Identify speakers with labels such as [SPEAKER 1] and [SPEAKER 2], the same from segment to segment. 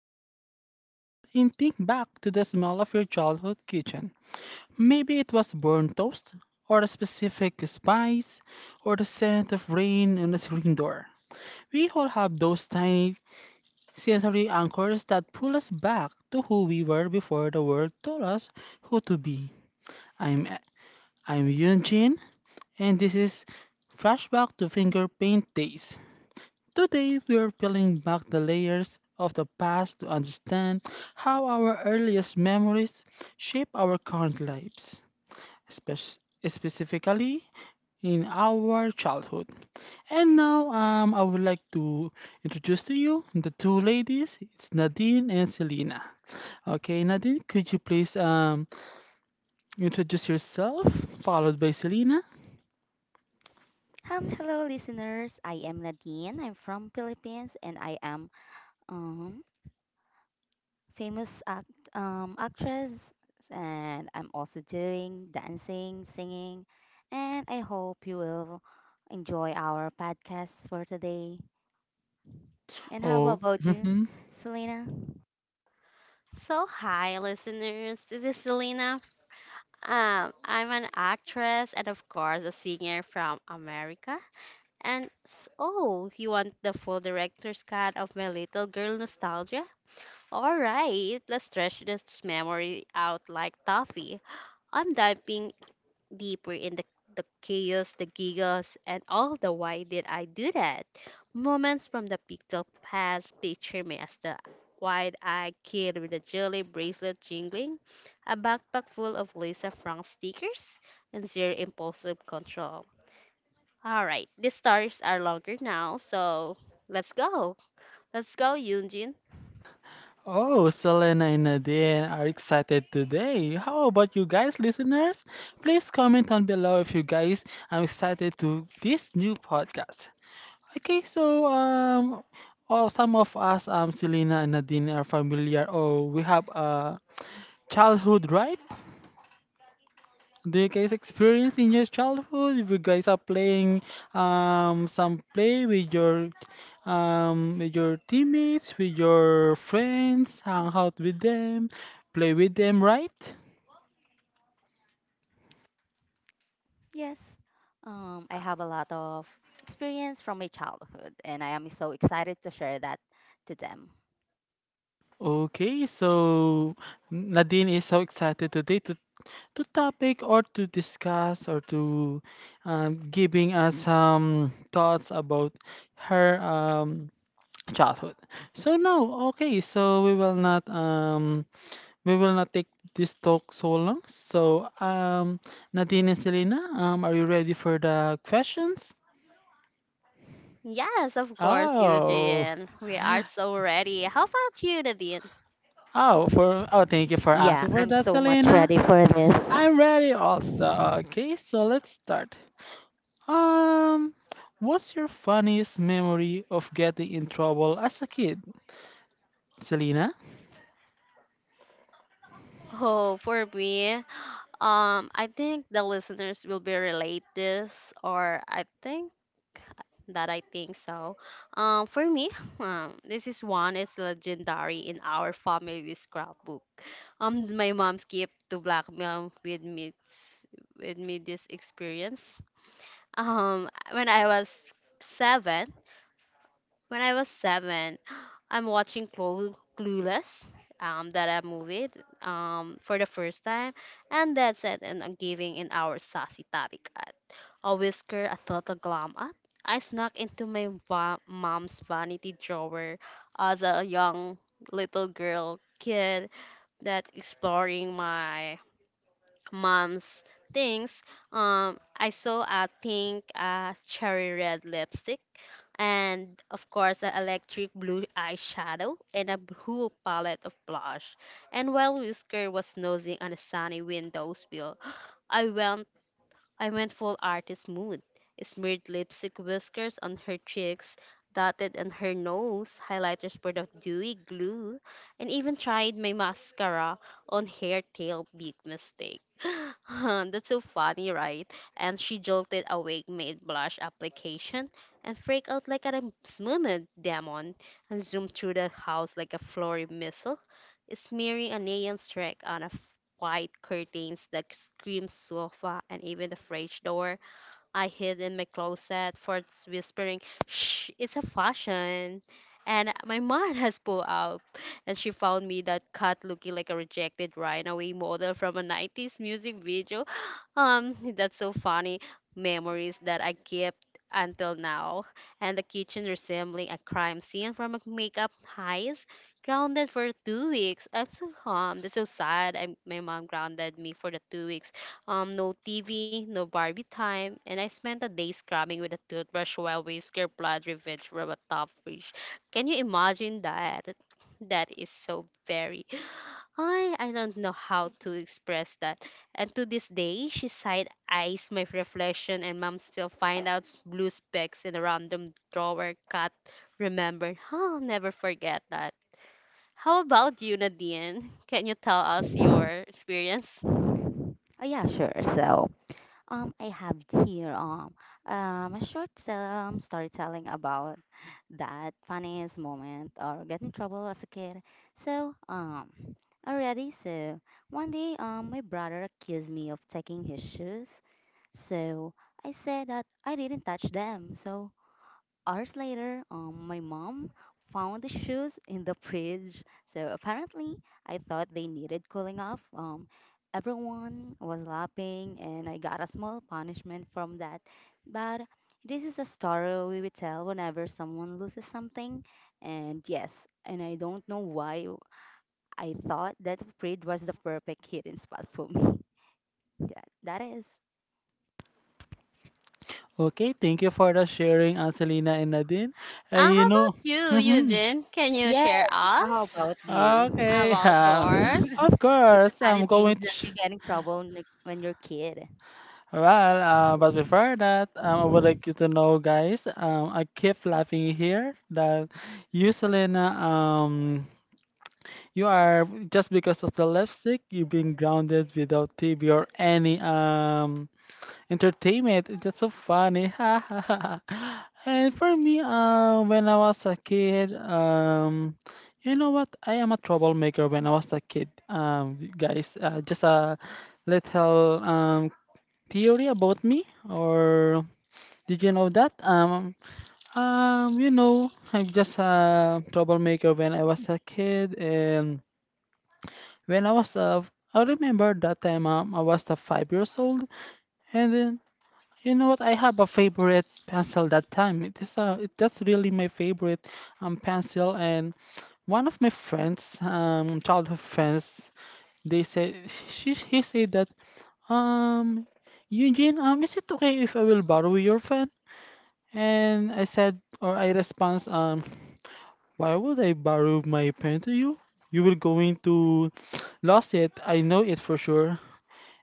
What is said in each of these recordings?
[SPEAKER 1] eyes for a second and think back to the smell of your childhood kitchen. Maybe it was burnt toast, or a specific spice, or the scent of rain on the screen door. We all have those tiny sensory anchors that pull us back to who we were before the world told us who to be. I'm I'm Yunjin, and this is Flashback to Finger Paint Days. Today, we are peeling back the layers of the past to understand how our earliest memories shape our current lives, spec- specifically in our childhood. And now, I would like to introduce to you the two ladies. It's Nadine and Selena. Okay, Nadine, could you please introduce yourself, followed by Selena?
[SPEAKER 2] Hello, listeners. I am Nadine. I'm from Philippines, and I am um famous actress, and I'm also doing dancing, singing, and I hope you will enjoy our podcast for today. And how
[SPEAKER 1] Oh,
[SPEAKER 2] about you,
[SPEAKER 1] mhm.
[SPEAKER 2] Selena?
[SPEAKER 3] So, hi, listeners. This is Selena. I'm an actress and, of course, a singer from America. Oh, you want the full director's cut of my little girl nostalgia? All right, let's stretch this memory out like toffee. I'm diving deeper in the chaos, the giggles, and all the why did I do that moments from the pixel past. Picture me as the wide eyed kid with a jelly bracelet jingling, a backpack full of Lisa Frank stickers, and zero impulsive control. All right, the stories are longer now, so let's go. Let's go, Yunjin.
[SPEAKER 1] Oh, Selena and Nadine are excited today. How about you guys, listeners? Please comment on below if you guys are excited to this new podcast. Okay, so oh, some of us, Selena and Nadine are familiar. Oh, we have a childhood, right? Do you guys experience in your childhood? If you guys are playing some play with your teammates, with your friends, hang out with them, play with them, right?
[SPEAKER 2] Yes. I have a lot of experience from my childhood, and I am so excited to share that to them.
[SPEAKER 1] Okay, so Nadine is so excited today to topic or to discuss or to giving us some thoughts about her childhood. So now, okay, so we will not We will not take this talk so long. So, Nadine and Selena, are you ready for the questions?
[SPEAKER 3] Yes, of course,
[SPEAKER 1] Oh,
[SPEAKER 3] Eugene. We are so ready. How about you, Nadine?
[SPEAKER 1] oh, for oh, thank you for
[SPEAKER 2] Yeah,
[SPEAKER 1] asking for
[SPEAKER 2] I'm
[SPEAKER 1] that,
[SPEAKER 2] so much
[SPEAKER 1] Selena.
[SPEAKER 2] ready for this.
[SPEAKER 1] I'm ready also. Okay, so let's start. Um, what's your funniest memory of getting in trouble as a kid, Selena?
[SPEAKER 3] Oh, for me, I think the listeners will be relate this, or I think so. For me, this is one is legendary in our family scrapbook. My mom skipped to blackmail with me this experience. Um, when I was seven, when I was seven, I'm watching Clueless, that movie, for the first time, and that's it. And I'm giving in our sassy tabby cat a whisker, a total glam up. I snuck into my mom's vanity drawer as a young little girl kid that exploring my mom's things. I saw I think a cherry red lipstick and, of course, an electric blue eyeshadow and a whole palette of blush. And while Whisker was nosing on a sunny windowsill, I went I went full artist mood. Smeared lipstick whiskers on her cheeks, dotted on her nose, highlighters poured of dewy glue, and even tried my mascara on hair tail big mistake. That's so funny, right? And she jolted awake made blush application and freaked out like a smooth demon and zoomed through the house like a flurry missile, smearing a neon streak on a white curtains, the cream sofa, and even the fridge door. I hid in my closet for whispering, "Shh, it's a fashion." And my mom has pulled out, and she found me that cut looking like a rejected runaway model from a 90s music video. That's so funny. Memories that I kept until now. And the kitchen resembling a crime scene from a makeup heist. Grounded for 2 weeks. I'm so That's so sad. My mom grounded me for the 2 weeks. No TV, no Barbie time, and I spent a day scrubbing with a toothbrush while we scare blood revenge from a top fish. Can you imagine that? That is so very. I don't know how to express that. And to this day, she side eyes my reflection, and mom still find out blue specks in a random drawer. Cat, remember? I'll never forget that. How about you, Nadine? Can you tell us your experience?
[SPEAKER 2] Oh, yeah, sure. I have here a short storytelling about that funniest moment or get in trouble as a kid. So, um, so, one day, my brother accused me of taking his shoes. So I said that I didn't touch them. So hours later, my mom found the shoes in the fridge. So apparently, I thought they needed cooling off. Everyone was laughing, and I got a small punishment from that. But this is a story we would tell whenever someone loses something. And yes, and I don't know why I thought that the fridge was the perfect hidden spot for me. Yeah, that is.
[SPEAKER 1] Okay, thank you for the sharing, Selena and Nadine. You
[SPEAKER 3] How
[SPEAKER 1] know,
[SPEAKER 3] about you,
[SPEAKER 1] mm-hmm.
[SPEAKER 3] Eugene? Can you
[SPEAKER 2] Yes,
[SPEAKER 3] share us
[SPEAKER 2] how about you?
[SPEAKER 1] Okay,
[SPEAKER 3] about yours?
[SPEAKER 2] What's
[SPEAKER 1] of
[SPEAKER 2] the
[SPEAKER 1] course,
[SPEAKER 2] funny
[SPEAKER 1] I'm
[SPEAKER 2] things
[SPEAKER 1] going to.
[SPEAKER 2] that you get in trouble when you're a kid?
[SPEAKER 1] Well, but before that, I would like you to know, guys. I keep laughing here that you, Selena, you are just because of the lipstick, you being grounded without TV or any entertainment. It's just so funny, ha ha ha. Ha. And for me, when I was a kid, you know what? I am a troublemaker when I was a kid. Guys, just a little theory about me, or did you know that? You know, I'm just a troublemaker when I was a kid, and when I was a, I remember that time I was a 5 years old, and then you know what? I have a favorite pencil that time. It is a, it, that's really my favorite pencil, and one of my friends, childhood friends, they said she he said that um. Eugene, is it okay if I will borrow your pen? And I said, or I response, why would I borrow my pen to you? You will going to lost it. I know it for sure.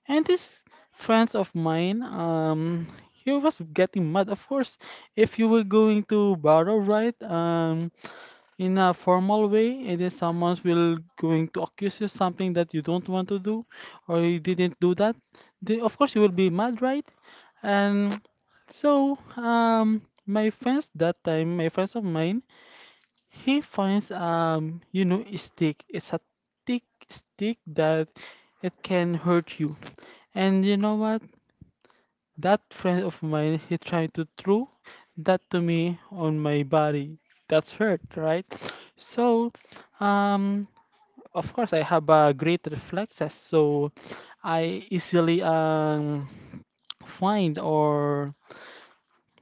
[SPEAKER 1] And these friends of mine, he was getting mad. Of course, if you were going to borrow, right, in a formal way, and then someone will going to accuse you something that you don't want to do, or you didn't do that, of course you will be mad, right? And so, my friends that time, my friends of mine, he finds you know, a stick. It's a thick stick that it can hurt you. And you know what? That friend of mine, he tried to throw that to me on my body. That's hurt, right? So, um, of course, I have a great reflexes, so I easily find or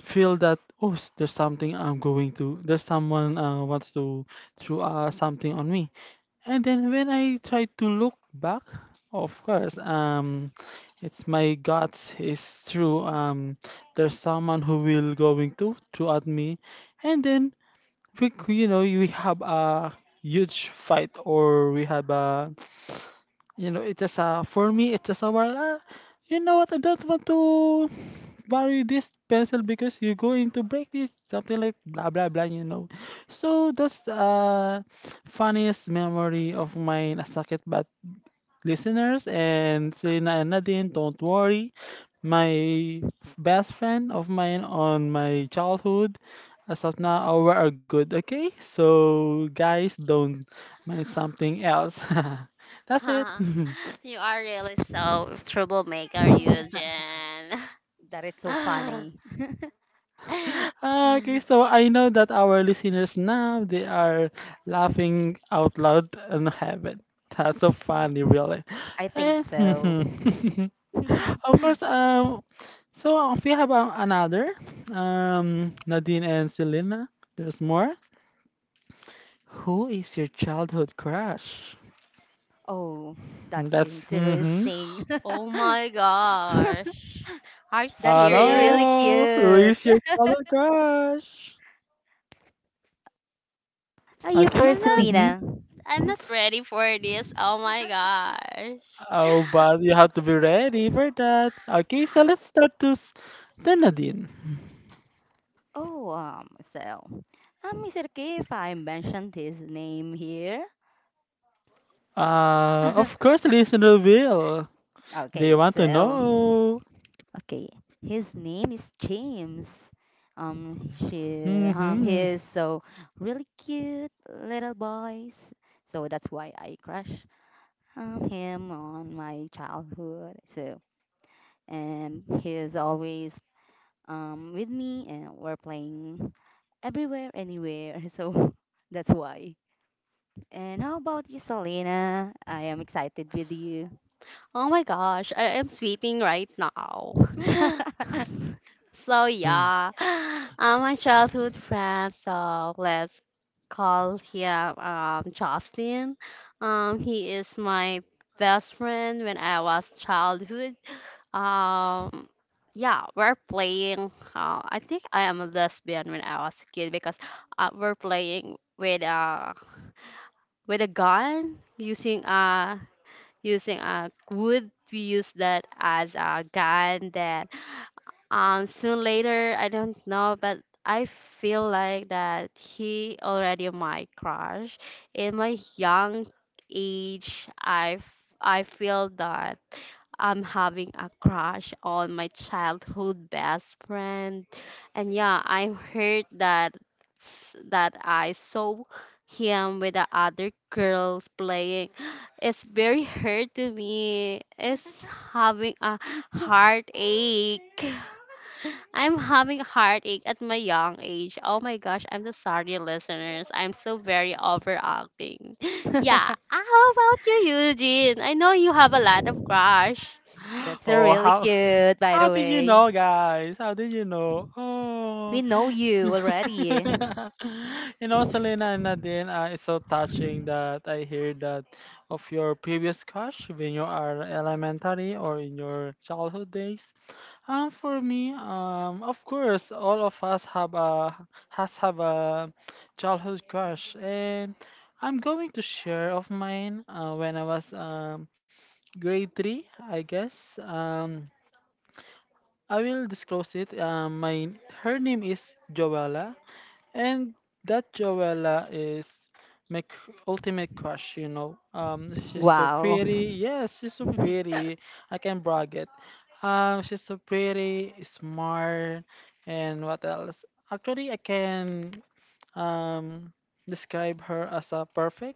[SPEAKER 1] feel that there's something I'm going to there's someone wants to throw something on me, and then when I try to look back, of course it's my guts is true. There's someone who will going to throw at me, and then you know, we have a huge fight, or we have a, you know, it's just a, for me it's just a, you know what, I don't want to worry this pencil because you're going to break this, something like blah blah blah, you know. So that's the funniest memory of mine as a, but listeners and Selena and Nadine, don't worry, my best friend of mine on my childhood, as of now we are good. Okay, so guys, don't mind something else. That's it.
[SPEAKER 3] You are really so troublemaker, Eugene.
[SPEAKER 2] That is so funny.
[SPEAKER 1] Ah, okay, so I know that our listeners now they are laughing out loud and heaven. That's so funny, really.
[SPEAKER 2] I think
[SPEAKER 1] Eh,
[SPEAKER 2] so.
[SPEAKER 1] of course, so we have another, Nadine and Selena. There's more. Who is your childhood crush?
[SPEAKER 2] Oh, that's
[SPEAKER 1] That's mm-hmm.
[SPEAKER 2] interesting.
[SPEAKER 3] Oh my gosh. Are you
[SPEAKER 1] Oh
[SPEAKER 2] That's
[SPEAKER 3] serious?
[SPEAKER 2] really
[SPEAKER 1] no, who
[SPEAKER 2] cute.
[SPEAKER 1] is your childhood crush?
[SPEAKER 2] Are you
[SPEAKER 1] Okay.
[SPEAKER 3] I'm
[SPEAKER 2] first,
[SPEAKER 3] not
[SPEAKER 1] Mm-hmm.
[SPEAKER 2] Selena?
[SPEAKER 3] I'm
[SPEAKER 2] Mhm.
[SPEAKER 3] not ready for this. Oh my gosh.
[SPEAKER 1] Oh, but you have to be ready for that. Okay, so let's start to s- the Nadine.
[SPEAKER 2] Oh, so, is it okay if I mention his name here?
[SPEAKER 1] Of course, listener will. They
[SPEAKER 2] Okay,
[SPEAKER 1] want to
[SPEAKER 2] so.
[SPEAKER 1] know.
[SPEAKER 2] Okay, his name is James. He
[SPEAKER 1] Hmm.
[SPEAKER 2] is so really cute little boys. So that's why I crush him on my childhood. So and he is always with me, and we're playing everywhere, anywhere. So that's why. And how about you, Selena? I am excited with you.
[SPEAKER 3] Oh my gosh. I am sweating right now. So yeah. My childhood friend, so let's call him Justin. He is my best friend when I was childhood. Um, yeah, we're playing. I think I am a lesbian when I was a kid because we're playing with a gun using using a wood. We use that as a gun. That soon later, I don't know, but I feel like that he already my crush. In my young age, I feel that. I'm having a crush on my childhood best friend. And yeah, I heard that that I saw him with the other girls playing. It's very hurt to me. It's having a heartache. I'm having a heartache at my young age. Oh my gosh, I'm so sorry, listeners. I'm so very overacting. Yeah, ah, how about you, Eugene? I know you have a lot of crush.
[SPEAKER 2] That's a
[SPEAKER 1] Oh,
[SPEAKER 2] really cute, by
[SPEAKER 1] how
[SPEAKER 2] the
[SPEAKER 1] did you
[SPEAKER 2] way.
[SPEAKER 1] know, guys? How did you know?
[SPEAKER 2] We
[SPEAKER 1] Oh.
[SPEAKER 2] know you already.
[SPEAKER 1] You know, Selena and Nadine, it's so touching that I hear that of your previous crush when you are elementary or in your childhood days. For me, of course, all of us have a childhood crush, and I'm going to share of mine when I was grade three, I guess. I will disclose it. My her name is Joella. And that Joella is ultimate crush, you know. She's so
[SPEAKER 2] Wow.
[SPEAKER 1] pretty. Yes, she's so pretty. I can brag it. She's so pretty, smart, and what else? Actually, I can um describe her as a perfect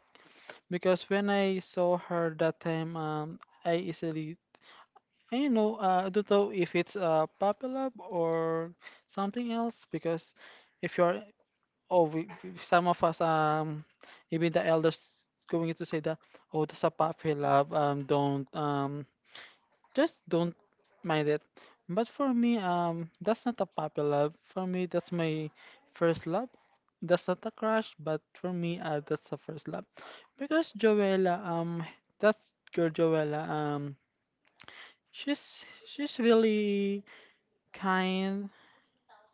[SPEAKER 1] because when I saw her that time, I easily, I, you know, I don't know if it's a puppy love or something else because if you're Oh, some of us, even the elders going to say that, oh, that's a puppy love. Don't, just don't mind it. But for me, that's not a puppy love. For me, that's my first love. That's not a crush, but for me, that's a first love. Because Joella, that's girl Joella, she's really kind,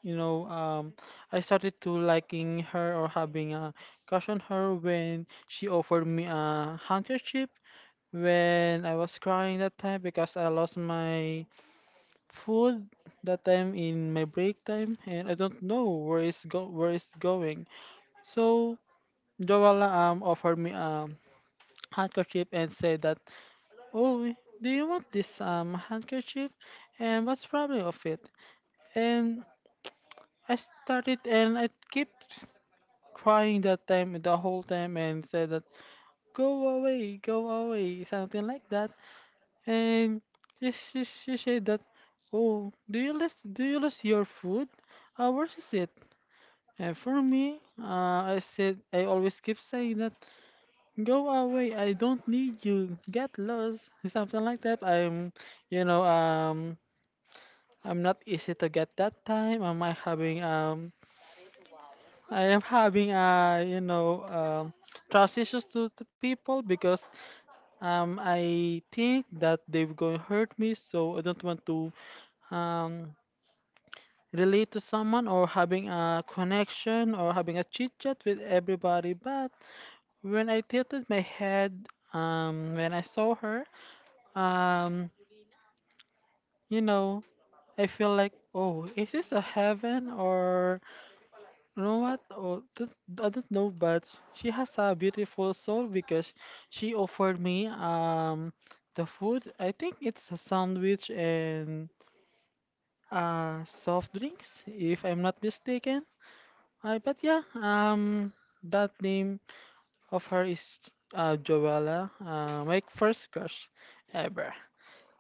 [SPEAKER 1] you know. I started to liking her or having a crush on her when she offered me a handkerchief when I was crying that time because I lost my food that time in my break time and I don't know where it's go where it's going. So Joala offered me a handkerchief and said that, oh, do you want this handkerchief, and what's problem of it? And I started and I kept crying that time the whole time and said that go away, something like that. And she said that, oh, do you lose your food? Where is it? And for me, I said I always keep saying that go away, I don't need you, get lost, something like that. I'm you know um I'm not easy to get that time. Am I having I am having you know trust issues to people because I think that they're going to hurt me, so I don't want to um relate to someone or having a connection or having a chit chat with everybody. But when I tilted my head, when I saw her, um, you know, I feel like, oh, is this a heaven or you know what? I don't know, but she has a beautiful soul because she offered me the food. I think it's a sandwich and soft drinks, if I'm not mistaken. I but yeah, that name of her is Joella, my first crush ever.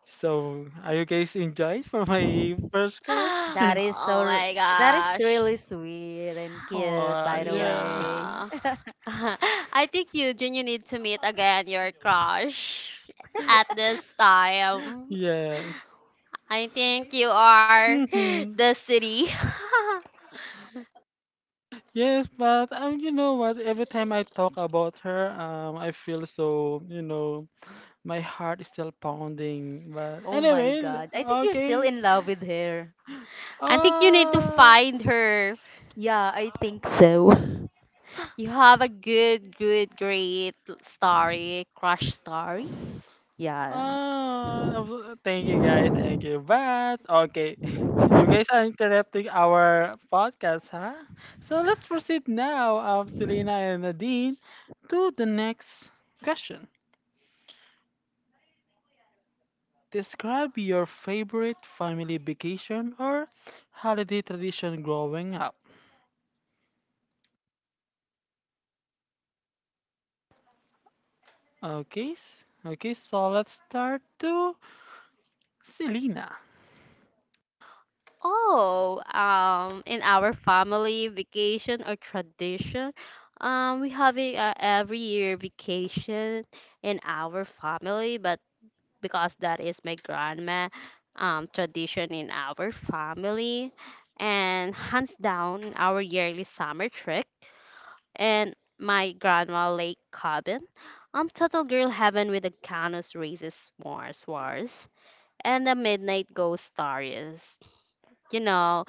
[SPEAKER 1] So, are you guys enjoyed for my first crush?
[SPEAKER 2] That
[SPEAKER 3] That is
[SPEAKER 2] is
[SPEAKER 3] oh so
[SPEAKER 2] so
[SPEAKER 3] my
[SPEAKER 2] that is
[SPEAKER 3] gosh
[SPEAKER 2] really
[SPEAKER 3] funny.
[SPEAKER 2] sweet and cute
[SPEAKER 1] Oh,
[SPEAKER 2] by the
[SPEAKER 1] yeah.
[SPEAKER 2] way.
[SPEAKER 3] Yeah. I think you need to meet again your crush at this time.
[SPEAKER 1] Yes.
[SPEAKER 3] I think you are
[SPEAKER 1] Mm-hmm.
[SPEAKER 3] the city.
[SPEAKER 1] Yes, but you know what? Every time I talk about her, I feel so, you know, my heart is still pounding. But
[SPEAKER 2] Oh my
[SPEAKER 1] anyway,
[SPEAKER 2] god. I think you're still
[SPEAKER 1] okay.
[SPEAKER 2] in love with her.
[SPEAKER 3] I think you need to
[SPEAKER 1] Uh,
[SPEAKER 3] find her.
[SPEAKER 2] Yeah, I think so.
[SPEAKER 3] You have a good, great story, crush story.
[SPEAKER 2] Yeah,
[SPEAKER 1] ah, thank you guys, thank you. But okay, you guys are interrupting our podcast, huh? So let's proceed now, Selena and Nadine, to the next question. Describe your favorite family vacation or holiday tradition growing up. Okay, okay. So let's start to Selena.
[SPEAKER 3] Oh, in our family vacation or tradition, we have a every year vacation in our family, but because that is my grandma, tradition in our family, and hands down our yearly summer trip and my grandma lake cabin. Total girl heaven with the canos races, s'mores wars and the midnight ghost stories. You know.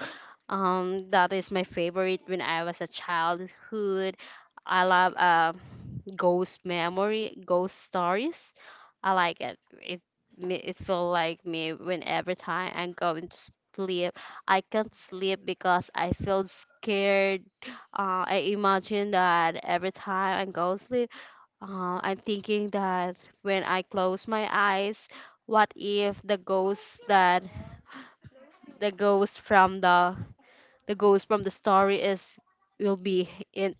[SPEAKER 3] That is my favorite when I was a childhood. I love ghost memory, ghost stories. I like it. It feel like me when every time I'm going to sleep, I can't sleep because I feel scared. I imagine that every time I go to sleep, I'm thinking that when I close my eyes, what if the ghost that the ghost from the the ghost from the story is will be in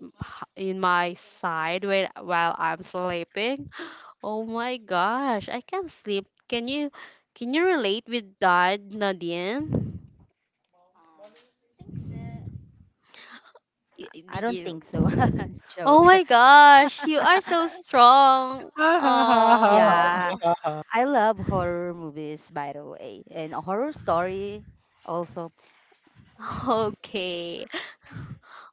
[SPEAKER 3] in my side when, while I'm sleeping. Oh my gosh, I can't sleep. Can you relate with that, Nadine?
[SPEAKER 2] I
[SPEAKER 3] Did
[SPEAKER 2] don't
[SPEAKER 3] you?
[SPEAKER 2] think so.
[SPEAKER 3] Oh
[SPEAKER 2] Joke.
[SPEAKER 3] my gosh, you are so strong.
[SPEAKER 1] Ah, ha, ha, ha,
[SPEAKER 3] Oh.
[SPEAKER 2] Yeah,
[SPEAKER 1] ha, ha.
[SPEAKER 2] I love horror movies by the way and horror story also.
[SPEAKER 3] Okay.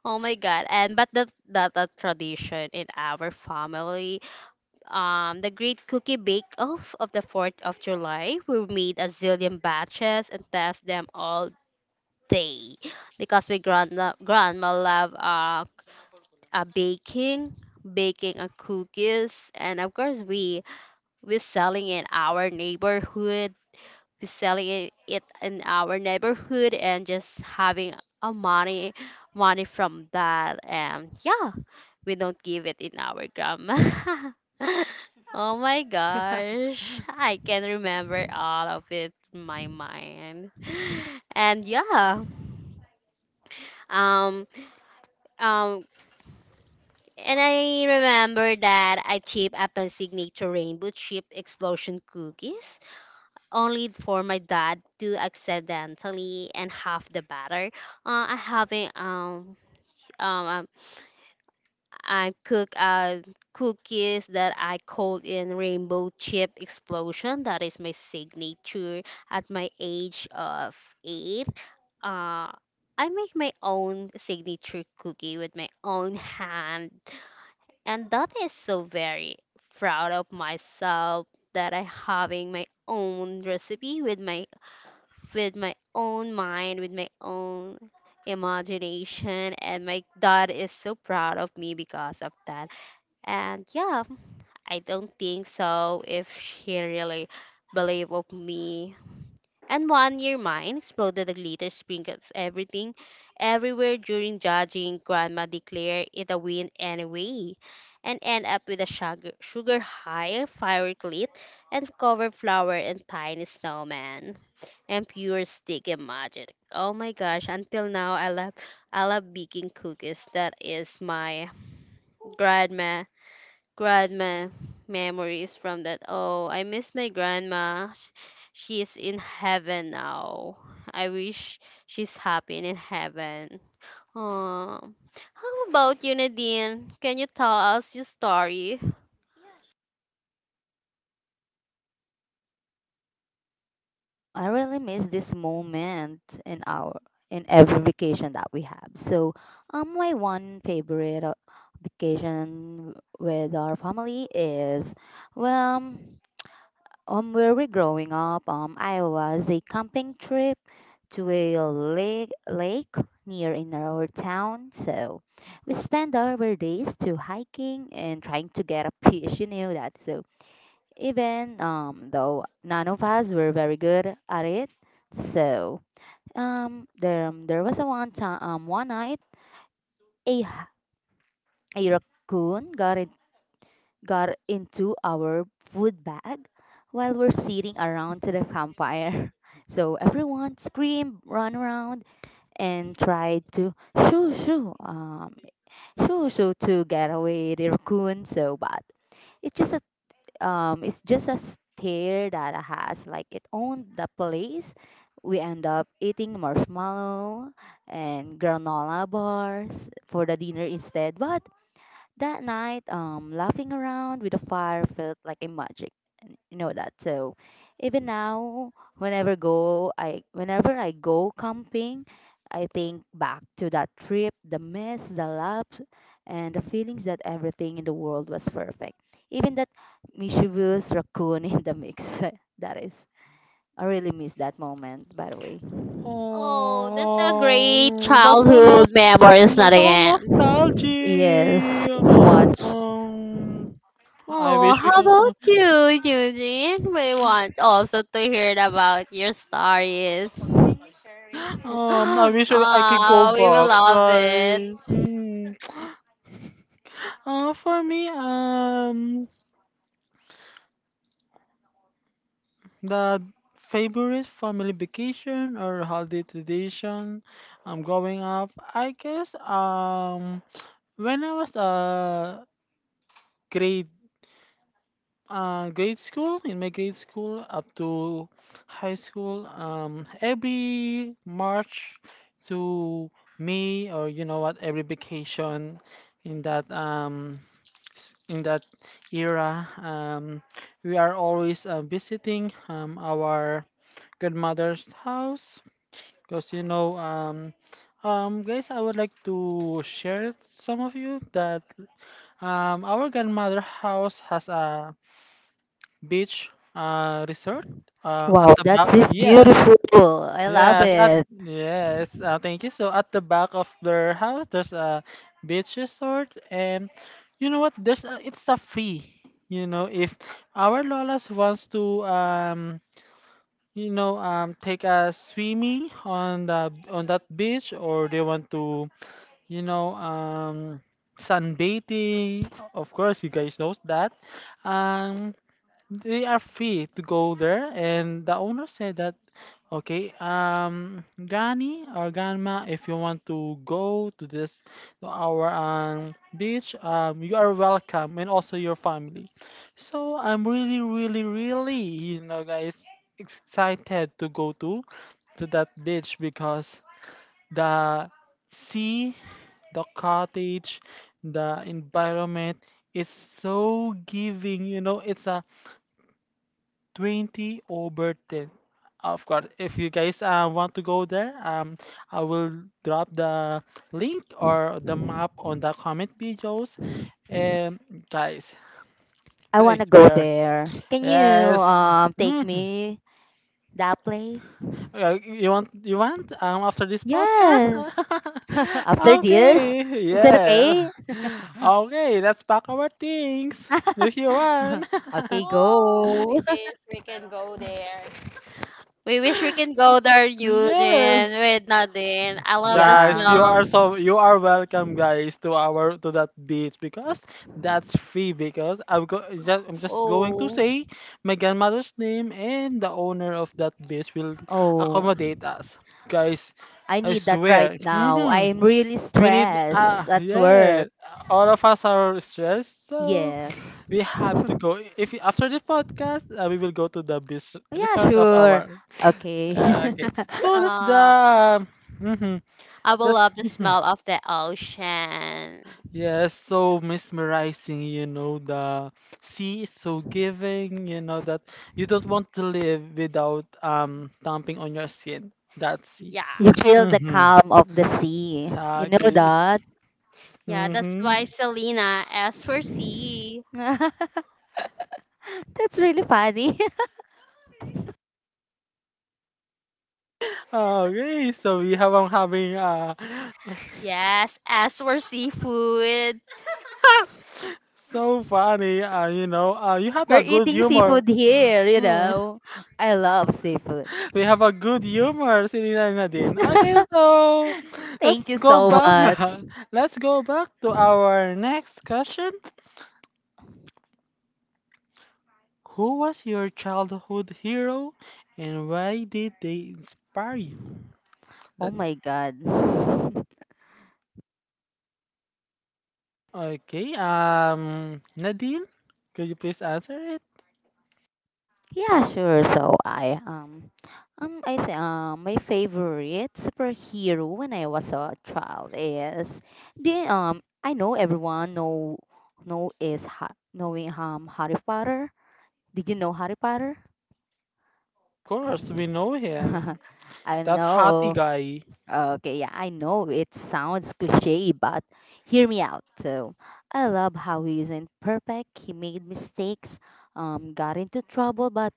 [SPEAKER 3] Oh my god. And but that a tradition in our family, the Great Cookie Bake Off of the 4th of July. We made a zillion batches and test them all day because grandma loved uh, baking, baking cookies, and of course we selling in our neighborhood. We selling it in our neighborhood and just having a money money from that. And yeah, we don't give it in our grandma. Oh my gosh. I can remember all of it in my mind. And yeah. Um um and I remember that I chipped up a signature rainbow chip explosion cookies only for my dad to accidentally and half the batter. Uh, I having um um I cook cookies that I coat in rainbow chip explosion. That is my signature at my age of 8. Uh, I make my own signature cookie with my own hand, and that is so very proud of myself that I having my own recipe with my own mind, with my own imagination and my dad is so proud of me because of that. And yeah, I don't think so if she really believed of me. And one year mine exploded the glitter sprinkles everything everywhere during judging. Grandma declared it a win anyway and end up with a sugar high, firework lit, and covered flower and tiny snowman and pure sticky magic. Oh my gosh, until now I love baking cookies. That is my grandma grandma memories from that. Oh, I miss my grandma. She's in heaven now. I wish she's happy and in heaven. Oh, how about you, Nadine? Can you tell us your story?
[SPEAKER 2] I really miss this moment in our in every vacation that we have. So, my one favorite vacation with our family is, well, where we're growing up. I was a camping trip to a lake near in our town. So, we spend our days to hiking and trying to get a fish. You know that. So, even though none of us were very good at it. So there was a one time one night a h- a raccoon got into our food bag while we're sitting around to the campfire. So everyone screamed, ran around, and tried to shoo shoo um, shoo shoo to get away the raccoon. So but it's just a um, it's just a stair that has like it owned the place. We end up eating marshmallow and granola bars for the dinner instead. But that night, laughing around with the fire felt like a magic. And you know that. So, even now, whenever I go camping, I think back to that trip, the mess, the laughs, and the feelings that everything in the world was perfect. Even that mischievous raccoon in the mix. that is, I really miss that moment. By the way.
[SPEAKER 3] Oh, that's a great
[SPEAKER 1] Oh, that's
[SPEAKER 3] childhood memories,
[SPEAKER 1] that's so
[SPEAKER 3] Nadine.
[SPEAKER 2] Yes,
[SPEAKER 1] nostalgic.
[SPEAKER 2] so much.
[SPEAKER 1] Um, I
[SPEAKER 3] Oh,
[SPEAKER 1] wish we
[SPEAKER 3] how
[SPEAKER 1] can.
[SPEAKER 3] about you, Eugene? We want also to hear about your stories.
[SPEAKER 1] I wish I could go
[SPEAKER 3] Ah, we will
[SPEAKER 1] back,
[SPEAKER 3] love it.
[SPEAKER 1] right? Hmm. For me, the favorite family vacation or holiday tradition I'm growing up, I guess, when I was grade grade school, in my grade school up to high school, every March to May, or you know what, every vacation in that era, we are always visiting our grandmother's house because guys, I would like to share some of you that, our grandmother house has a beach resort at
[SPEAKER 2] Wow,
[SPEAKER 1] the
[SPEAKER 2] that
[SPEAKER 1] back.
[SPEAKER 2] is
[SPEAKER 1] Yes,
[SPEAKER 2] beautiful. I love
[SPEAKER 1] yes, at
[SPEAKER 2] it.
[SPEAKER 1] yes, thank you. So at the back of their house, there's a beach resort. And you know what, it's a fee, you know, if our lolas wants to take a swimming on the, on that beach, or they want to, you know um sunbathing, of course, you guys knows that, um they are free to go there. And the owner said that, okay, granny or grandma, if you want to go to this, to our beach, you are welcome, and also your family. So I'm really you know, guys, excited to go to that beach because the sea, the cottage, the environment is so giving, you know. It's a 20 over 10. Of course, if you guys want to go there, I will drop the link or the map on the comment videos, um guys.
[SPEAKER 2] I
[SPEAKER 1] I
[SPEAKER 2] want to go
[SPEAKER 1] swear.
[SPEAKER 2] there. Can you
[SPEAKER 1] Yes.
[SPEAKER 2] take
[SPEAKER 1] Mhm.
[SPEAKER 2] me that place?
[SPEAKER 1] You want after this podcast.
[SPEAKER 2] Yes. After this,
[SPEAKER 1] Okay,
[SPEAKER 2] is it
[SPEAKER 1] yeah.
[SPEAKER 2] okay?
[SPEAKER 1] Okay, let's pack our things if you want.
[SPEAKER 2] Okay,
[SPEAKER 3] Oh, we
[SPEAKER 2] go.
[SPEAKER 3] wish we can go there.
[SPEAKER 1] Yeah.
[SPEAKER 3] Eugene, with Nadine. I love the
[SPEAKER 1] Guys,
[SPEAKER 2] Yeah.
[SPEAKER 1] you
[SPEAKER 3] smell.
[SPEAKER 1] are so you are welcome, guys, to our, to that beach because that's free. Because I'm just going to
[SPEAKER 3] Oh,
[SPEAKER 1] say my grandmother's name, and the owner of that beach will
[SPEAKER 2] Oh,
[SPEAKER 1] accommodate us, guys.
[SPEAKER 2] I
[SPEAKER 1] I
[SPEAKER 2] need that right
[SPEAKER 1] swear.
[SPEAKER 2] now. I am really
[SPEAKER 1] We need
[SPEAKER 2] stressed at work.
[SPEAKER 1] yeah. All of us are stressed, so
[SPEAKER 2] Yes.
[SPEAKER 1] we have to go. If after the podcast, we will go to the beach
[SPEAKER 2] Yeah,
[SPEAKER 1] resort of
[SPEAKER 2] sure.
[SPEAKER 1] our.
[SPEAKER 2] Okay.
[SPEAKER 1] Yeah, okay. So that's the.
[SPEAKER 3] yeah.
[SPEAKER 1] Mhm.
[SPEAKER 3] I will
[SPEAKER 1] That's
[SPEAKER 3] love the smell of the ocean.
[SPEAKER 1] yes, so mesmerizing, you know, the sea is so giving, you know, that you don't want to live without thumping on your skin. That sea.
[SPEAKER 3] Yeah.
[SPEAKER 2] You feel the
[SPEAKER 1] Mm-hmm.
[SPEAKER 2] calm of the sea. You know
[SPEAKER 1] Okay.
[SPEAKER 2] that?
[SPEAKER 3] Yeah, that's
[SPEAKER 1] Mm-hmm.
[SPEAKER 3] why Selena asked for sea.
[SPEAKER 2] That's really funny.
[SPEAKER 1] Okay, so we have having
[SPEAKER 3] Yes, as for seafood.
[SPEAKER 1] so funny, you know, you have
[SPEAKER 2] We're
[SPEAKER 1] that good
[SPEAKER 2] eating
[SPEAKER 1] humor.
[SPEAKER 2] seafood here, you know. I love seafood.
[SPEAKER 1] We have a good humor, sinilay na din. Okay, so let's
[SPEAKER 2] Thank you
[SPEAKER 1] go
[SPEAKER 2] so
[SPEAKER 1] back.
[SPEAKER 2] much.
[SPEAKER 1] Let's go back to our next question. Who was your childhood hero, and why did they inspire you?
[SPEAKER 2] Oh
[SPEAKER 1] That
[SPEAKER 2] my god.
[SPEAKER 1] Okay. Nadine, could you please answer it?
[SPEAKER 2] Yeah, sure. I think my favorite superhero when I was a child is the I know everyone know is ha- knowing Harry Potter. Did you know Harry Potter?
[SPEAKER 1] Of course, we know him.
[SPEAKER 2] I
[SPEAKER 1] That hottie
[SPEAKER 2] know.
[SPEAKER 1] guy.
[SPEAKER 2] Okay, yeah, I know it sounds cliche, but hear me out. So, I love how he isn't perfect. He made mistakes, got into trouble, but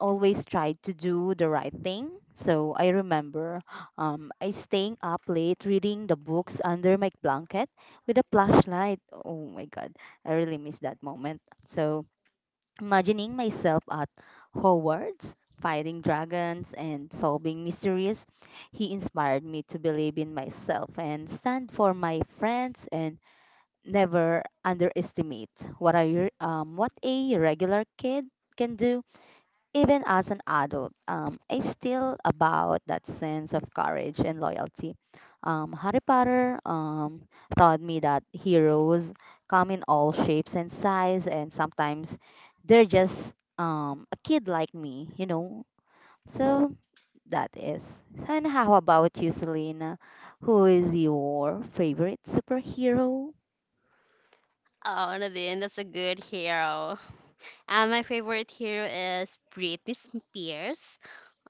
[SPEAKER 2] always tried to do the right thing. So, I remember I staying up late reading the books under my blanket with a flashlight. Oh my god, I really miss that moment. So, imagining myself at Hogwarts, fighting dragons and solving mysteries. He inspired me to believe in myself and stand for my friends and never underestimate what a regular kid can do. Even as an adult, I still about that sense of courage and loyalty. Harry Potter taught me that heroes come in all shapes and size, and sometimes they're just a kid like me, you know. So that is. And how about you, Selena? Who is your favorite superhero?
[SPEAKER 3] Oh, Nadine, that's a good hero. And my favorite hero is Britney Spears.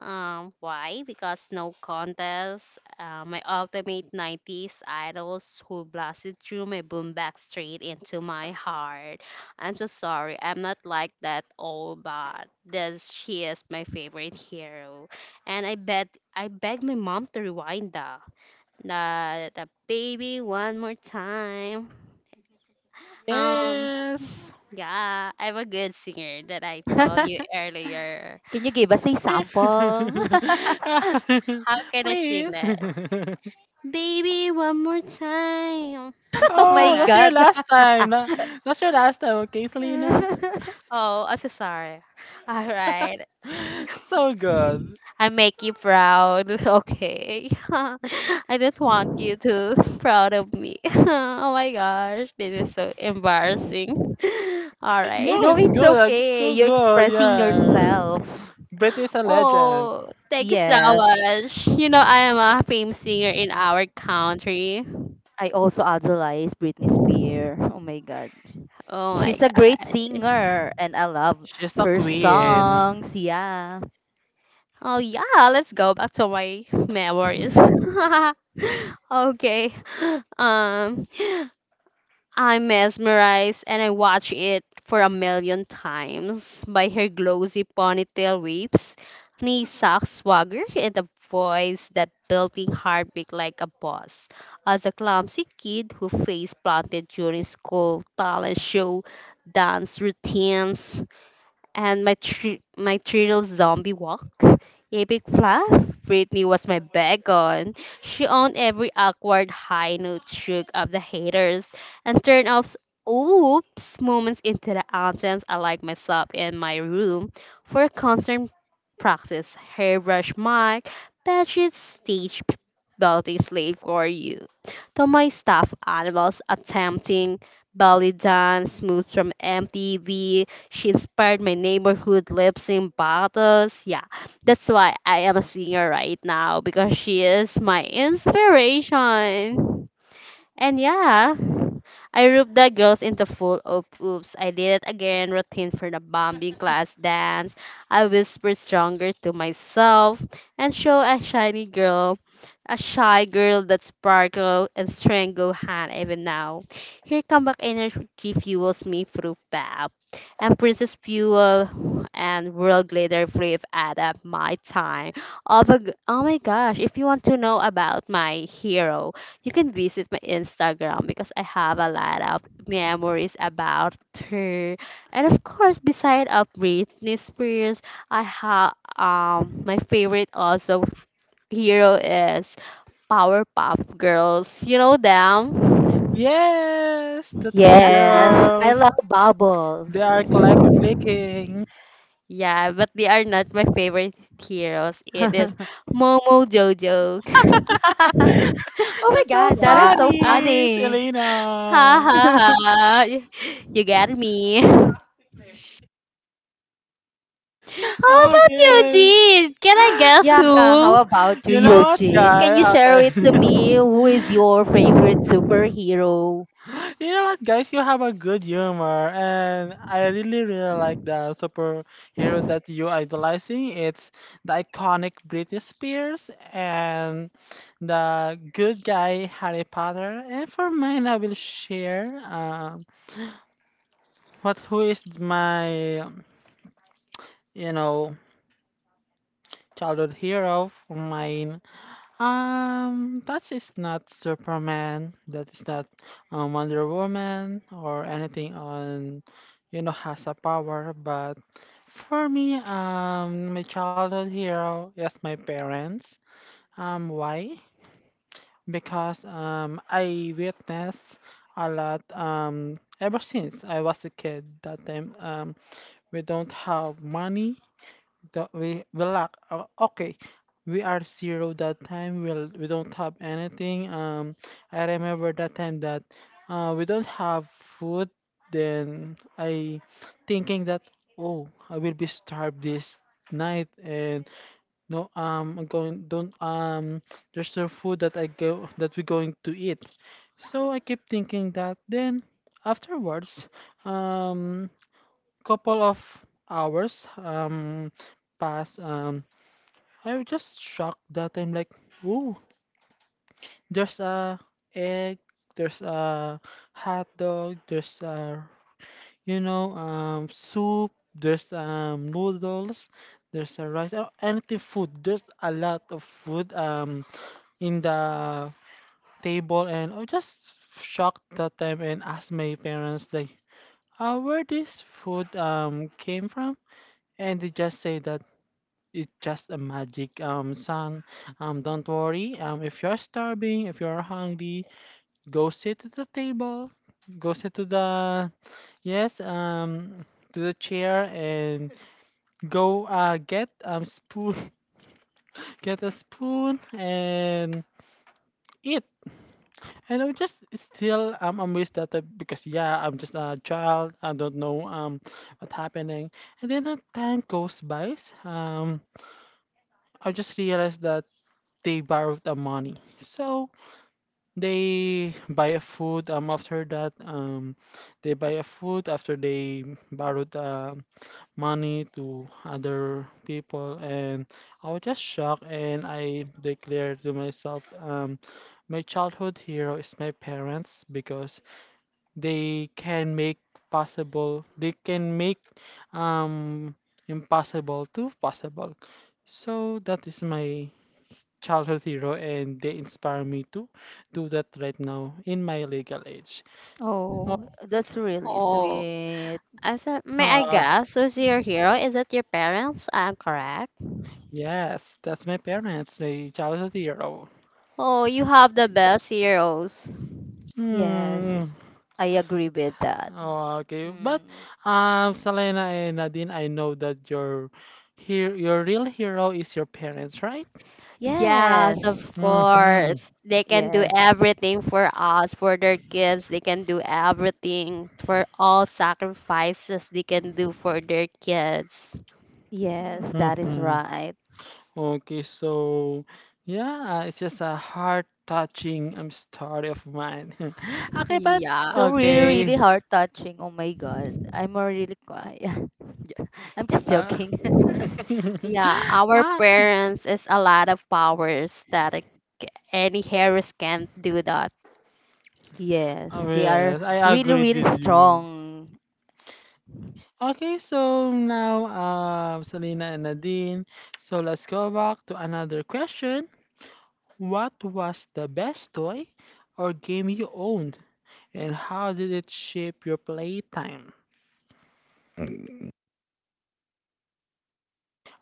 [SPEAKER 3] Why? Because no contest. My ultimate 90s idols who blasted through my boombox straight into my heart. I'm so sorry. I'm not like that old, but this, she is my favorite hero. And I bet I beg my mom to rewind that, the baby one more time. Um,
[SPEAKER 1] Yes.
[SPEAKER 3] yeah, I'm a good singer that I told
[SPEAKER 2] Can
[SPEAKER 3] you earlier.
[SPEAKER 2] you give us a sample?
[SPEAKER 3] How can I
[SPEAKER 1] Please.
[SPEAKER 3] sing that? Baby one more time. Is
[SPEAKER 2] Oh
[SPEAKER 3] it
[SPEAKER 1] Oh,
[SPEAKER 2] my
[SPEAKER 1] that's
[SPEAKER 3] correct?
[SPEAKER 1] your
[SPEAKER 2] God.
[SPEAKER 1] last time. That's your last time, okay, Selena?
[SPEAKER 3] Oh, I'm so sorry. All right,
[SPEAKER 1] So good.
[SPEAKER 3] I make you proud. Okay, I just want you to proud of me. Oh my gosh, this is so embarrassing. All right.
[SPEAKER 1] No,
[SPEAKER 2] No,
[SPEAKER 1] it's
[SPEAKER 2] it's
[SPEAKER 1] good. Like, it's
[SPEAKER 2] okay.
[SPEAKER 1] so
[SPEAKER 2] You're
[SPEAKER 1] good.
[SPEAKER 2] expressing
[SPEAKER 1] Yeah.
[SPEAKER 2] yourself.
[SPEAKER 1] Brit is a legend.
[SPEAKER 3] Oh, thank you so
[SPEAKER 2] Yes.
[SPEAKER 3] much. You know, I am a famous singer in our country.
[SPEAKER 2] I also idolize Britney Spears. Oh my God.
[SPEAKER 3] Oh my
[SPEAKER 2] She's a
[SPEAKER 3] god.
[SPEAKER 2] great singer and I love
[SPEAKER 1] She's a
[SPEAKER 2] her
[SPEAKER 1] queen.
[SPEAKER 2] songs. Yeah.
[SPEAKER 3] Oh yeah, let's go back to my memories. Okay. Um, I'm mesmerized and I watch it for a million times by her glossy ponytail waves, knee sock swagger, and a voice that belting heartbeat like a boss. As a clumsy kid who face planted during school talent show dance routines, and my thrill zombie walk. Epic fluff. Britney was my backbone. She owned every awkward high note shook of the haters and turned off oops moments into the anthems I like myself in my room for constant practice. Hairbrush mic, bedsheet stage belting slave for you. To my stuffed animals attempting belly dance moves from MTV, she inspired my neighborhood lips in bottles. Yeah, that's why I am a singer right now because she is my inspiration. And yeah, I roped the girls into full oop oops. I did it again routine for the bombing class dance. I whispered stronger to myself and show a shiny girl, a shy girl that sparkle and strength go hand even now. Here come back energy fuels me through pap. And Princess Fuel and World Glitter Flip add up my time. Oh my gosh, if you want to know about my hero, you can visit my Instagram because I have a lot of memories about her. And of course, beside of Britney Spears, I have my favorite also hero is Powerpuff Girls. You know them?
[SPEAKER 1] Yes, the three
[SPEAKER 3] Yeah.
[SPEAKER 2] Yes. I
[SPEAKER 1] girls.
[SPEAKER 2] love Bubbles.
[SPEAKER 1] They are click clicking.
[SPEAKER 3] Yeah, but they are not my favorite heroes. It is
[SPEAKER 2] Oh
[SPEAKER 3] Momo Jojo.
[SPEAKER 2] my
[SPEAKER 1] That's so
[SPEAKER 2] God. That is
[SPEAKER 3] Yeah.
[SPEAKER 2] so
[SPEAKER 3] Ah,
[SPEAKER 1] funny,
[SPEAKER 2] funny.
[SPEAKER 3] ha
[SPEAKER 1] Selena.
[SPEAKER 3] ha ha. You get me. How about you,
[SPEAKER 1] Okay.
[SPEAKER 3] Jean? Can I guess
[SPEAKER 2] Yeah. How
[SPEAKER 3] who?
[SPEAKER 2] about you,
[SPEAKER 1] You know what,
[SPEAKER 2] Eugene? Can you
[SPEAKER 1] guy?
[SPEAKER 2] share
[SPEAKER 1] Okay.
[SPEAKER 2] it to me? Who is your favorite superhero?
[SPEAKER 1] You know what, guys? You have a good humor, and I really, really like the superhero that you idolizing. It's the iconic Britney Spears, and the good guy Harry Potter. And for mine, I will share, what, who is my, you know, childhood hero for mine. That is not Superman. That is not Wonder Woman, or anything on, you know, has a power. But for me, my childhood hero is my parents. Why? Because I witnessed a lot. Ever since I was a kid, that time, we don't have money, that we lack okay, we are zero, that time we'll, we don't have anything. I remember that time that, we don't have food, then I thinking that, oh, I will be starved this night, and no, I'm going don't there's no food that I go, that we're going to eat. So I keep thinking that. Then afterwards, um couple of hours, pass, I was just shocked that I'm like, ooh, there's a egg, there's a hot dog, there's a, you know, soup, there's noodles, there's a rice, anything food, there's a lot of food, in the table. And I was just shocked that time, and asked my parents like, where this food came from. And they just say that it's just a magic song. Don't worry. If you're starving, if you're hungry, go sit at the table. Go sit to the, yes to the chair, and go get spoon, get a spoon and eat. And I'm just still amazed that because yeah, I'm just a child. I don't know what's happening. And then the time goes by. Um, I just realized that they borrowed the money. So they buy a food. After that, they buy a food after they borrowed money to other people. And I was just shocked. And I declared to myself, my childhood hero is my parents, because they can make possible. They can make um impossible to possible. So that is my childhood hero, and they inspire me to do that right now in my legal age. Oh,
[SPEAKER 2] Oh, that's really
[SPEAKER 3] Oh,
[SPEAKER 2] sweet.
[SPEAKER 3] I said, may I
[SPEAKER 1] uh,
[SPEAKER 3] guess who's your hero? Is it your parents? I'm correct.
[SPEAKER 1] yes, that's my parents, my childhood hero.
[SPEAKER 3] Oh, you have the best heroes.
[SPEAKER 2] Yes,
[SPEAKER 1] Hmm.
[SPEAKER 2] I agree with that.
[SPEAKER 1] Oh, okay. But
[SPEAKER 2] Mm.
[SPEAKER 1] Selena and Nadine, I know that your, here your real hero is your parents, right?
[SPEAKER 3] Yes, of
[SPEAKER 2] Yes,
[SPEAKER 1] Mm-hmm.
[SPEAKER 3] course. They can do
[SPEAKER 2] yes,
[SPEAKER 3] everything for us, for their kids. They can do everything for all sacrifices they can do for their kids.
[SPEAKER 2] yes, that is
[SPEAKER 1] Mm-hmm.
[SPEAKER 2] right.
[SPEAKER 1] Okay, so yeah, it's just a heart touching story of mine. Okay, but
[SPEAKER 3] Yeah.
[SPEAKER 2] So really, really
[SPEAKER 1] okay.
[SPEAKER 2] heart touching. Oh my God, I'm already. Really I'm just
[SPEAKER 3] Yeah.
[SPEAKER 1] Uh,
[SPEAKER 2] joking.
[SPEAKER 3] Yeah. Our
[SPEAKER 1] ah,
[SPEAKER 3] parents is a lot of powers that any heroes can't do that.
[SPEAKER 2] Yes,
[SPEAKER 1] oh
[SPEAKER 2] they are
[SPEAKER 1] yes, I
[SPEAKER 2] really,
[SPEAKER 1] agreed
[SPEAKER 2] really
[SPEAKER 1] with you.
[SPEAKER 2] strong.
[SPEAKER 1] Okay, so now, Selena and Nadine, so let's go back to another question. What was the best toy or game you owned, and how did it shape your playtime?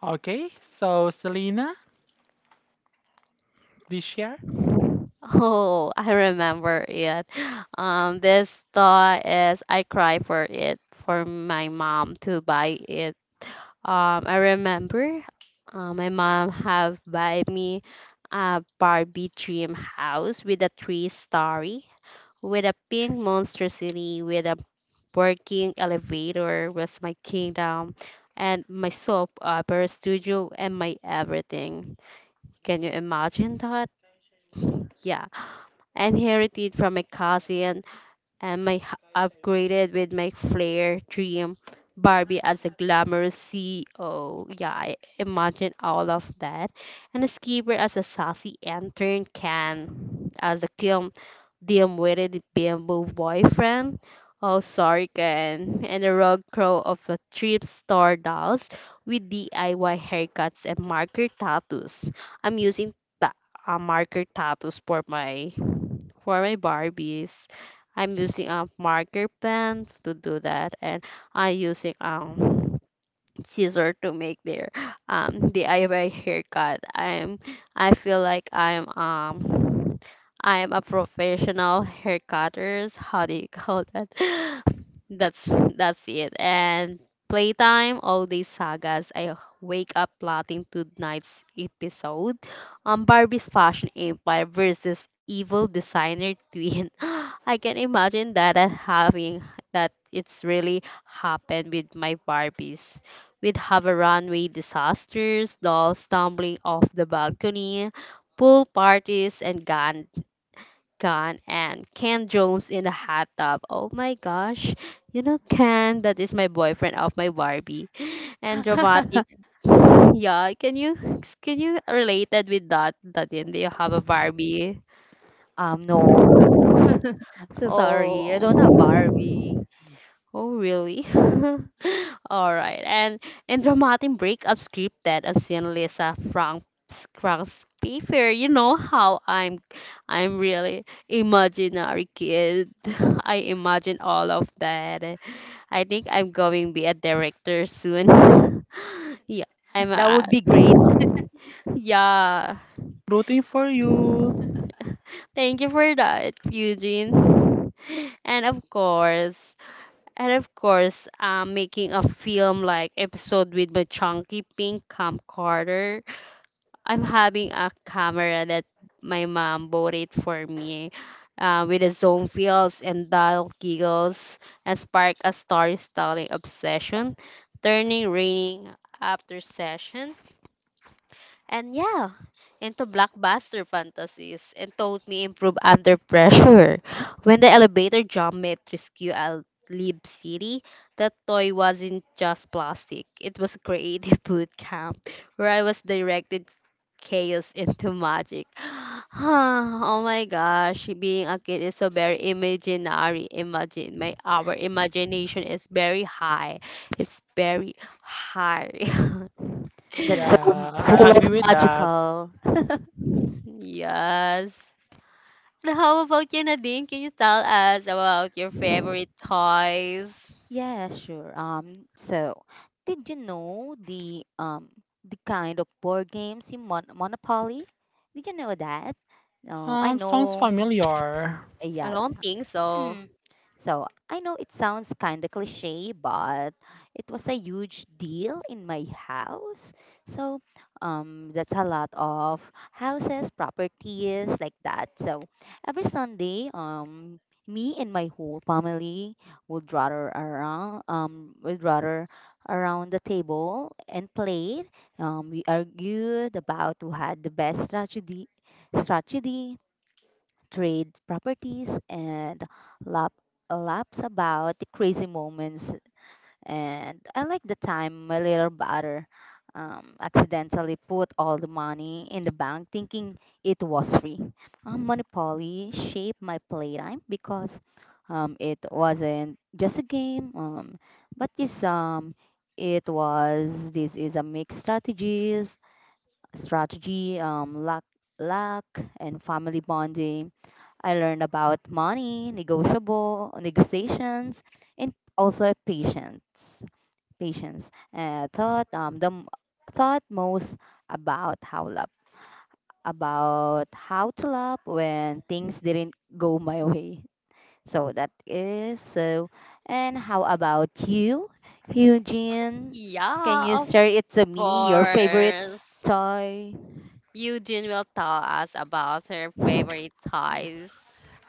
[SPEAKER 1] Okay, so Selena, please share.
[SPEAKER 3] Oh, I remember it. This toy is I cry for it for my mom to buy it. I remember my mom have buy me a Barbie dream house with a three-story, with a pink monster city, with a working elevator was my kingdom, and my soap opera studio and my everything. Can you imagine that? Yeah, inherited from my cousin, and my upgraded with my flair dream Barbie as a glamorous CEO. Yeah, I imagine all of that. And a skipper as a sassy intern can as a kiln dim-witted bamboo boyfriend. Oh, sorry, Ken. And a rogue crow of a thrift store dolls with DIY haircuts and marker tattoos. I'm using ta- marker tattoos for my Barbies. I'm using a marker pen to do that, and I using scissor to make their DIY haircut. I feel like I'm I'm a professional hair cutters. How do you call that? That's that's it. And playtime, all these sagas. I wake up plotting tonight's episode. Barbie's fashion empire versus evil designer twin. I can imagine that having that it's really happened with my Barbies. We'd have a runway disasters, dolls tumbling off the balcony, pool parties, and gun and Ken Jones in a hot tub. Oh my gosh, you know Ken, that is my boyfriend of my Barbie, and dramatic. Yeah, can you related with that? That do you have a Barbie?
[SPEAKER 2] No. I'm so sorry. I
[SPEAKER 3] Oh,
[SPEAKER 2] don't have Barbie.
[SPEAKER 3] oh really? All right. And in dramatic breakup script that I've seen Lisa Frank's paper, you know how I'm really imaginary kid. I imagine all of that. I think I'm going be a director soon. Yeah. I'm
[SPEAKER 2] That
[SPEAKER 3] a,
[SPEAKER 2] would be great.
[SPEAKER 3] yeah.
[SPEAKER 1] Rooting for you.
[SPEAKER 3] Thank you for that, Eugene. And of course, and of course, I'm making a film like episode with my chunky pink camcorder. I'm having a camera that my mom bought it for me with the zoom fields and dull giggles and spark a story styling obsession, turning raining after session. And yeah, into blockbuster fantasies and taught me improve under pressure. When the elevator jump made rescue a Lib City, that toy wasn't just plastic. It was a creative boot camp where I was directed chaos into magic. Oh my gosh, being a kid is so very imaginary. Imagine my our imagination is very high. It's very high.
[SPEAKER 2] That's so
[SPEAKER 1] Yeah, I
[SPEAKER 2] full
[SPEAKER 1] agree
[SPEAKER 2] of
[SPEAKER 1] with that.
[SPEAKER 2] magical.
[SPEAKER 3] Yes. Now, how about you, Nadine? Can you tell us about your favorite toys?
[SPEAKER 2] Yeah, sure. So, did you know the kind of board games in Monopoly? Did you know that? I
[SPEAKER 1] Sounds
[SPEAKER 2] know.
[SPEAKER 1] familiar.
[SPEAKER 3] I
[SPEAKER 2] Yeah,
[SPEAKER 3] don't think so.
[SPEAKER 2] hmm. So I know it sounds kind of cliche, but it was a huge deal in my house. So that's a lot of houses, properties like that. So every Sunday, me and my whole family would rather around the table and play. We argued about who had the best strategy, trade properties and lap laps about the crazy moments and I like the time my little brother accidentally put all the money in the bank thinking it was free. Monopoly shaped my playtime because it wasn't just a game, but this it was this is a strategy, um, luck, luck, and family bonding. I learned about money, negotiable negotiations, and also patience. Patience. Uh, thought um, the m- thought most about how love, about how to love when things didn't go my way. So that is so. And how about you, Eugene? Can you
[SPEAKER 3] Yeah, of
[SPEAKER 2] share it to me? Your favorite
[SPEAKER 3] course.
[SPEAKER 2] toy?
[SPEAKER 3] Eugene will tell us about her favorite toys.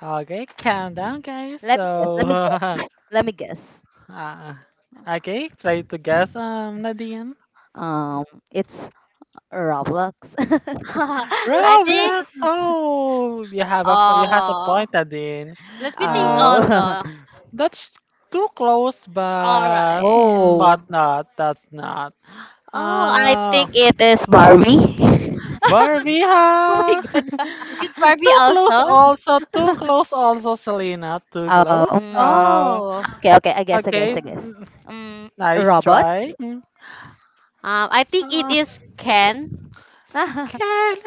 [SPEAKER 1] Okay, calm down, guys.
[SPEAKER 2] Let me guess. Let me
[SPEAKER 1] So,
[SPEAKER 2] guess. Let me guess.
[SPEAKER 1] uh, okay, try to guess, Nadine.
[SPEAKER 2] Um, it's Roblox.
[SPEAKER 3] I think.
[SPEAKER 1] Roblox. Oh, you have you have a
[SPEAKER 3] Oh,
[SPEAKER 1] point, Nadine.
[SPEAKER 3] let me think
[SPEAKER 1] But
[SPEAKER 2] Oh,
[SPEAKER 3] also.
[SPEAKER 1] that's too close.
[SPEAKER 3] All
[SPEAKER 1] But
[SPEAKER 3] right.
[SPEAKER 1] hmm, but
[SPEAKER 2] whoa.
[SPEAKER 1] not. That's not.
[SPEAKER 3] Oh, I
[SPEAKER 1] Uh,
[SPEAKER 3] think it is Barbie.
[SPEAKER 2] Oh my
[SPEAKER 1] Barbieha.
[SPEAKER 2] god.
[SPEAKER 3] Is it Barbie
[SPEAKER 1] Too close.
[SPEAKER 3] also?
[SPEAKER 1] Also, too close. Also, Selena. Too
[SPEAKER 2] Oh,
[SPEAKER 1] close.
[SPEAKER 3] Oh,
[SPEAKER 2] okay.
[SPEAKER 1] Okay.
[SPEAKER 2] I guess.
[SPEAKER 1] Mm,
[SPEAKER 2] Um,
[SPEAKER 1] nice try.
[SPEAKER 2] robots.
[SPEAKER 1] Mm,
[SPEAKER 3] I think it
[SPEAKER 1] Uh,
[SPEAKER 3] is Ken.
[SPEAKER 1] Ken.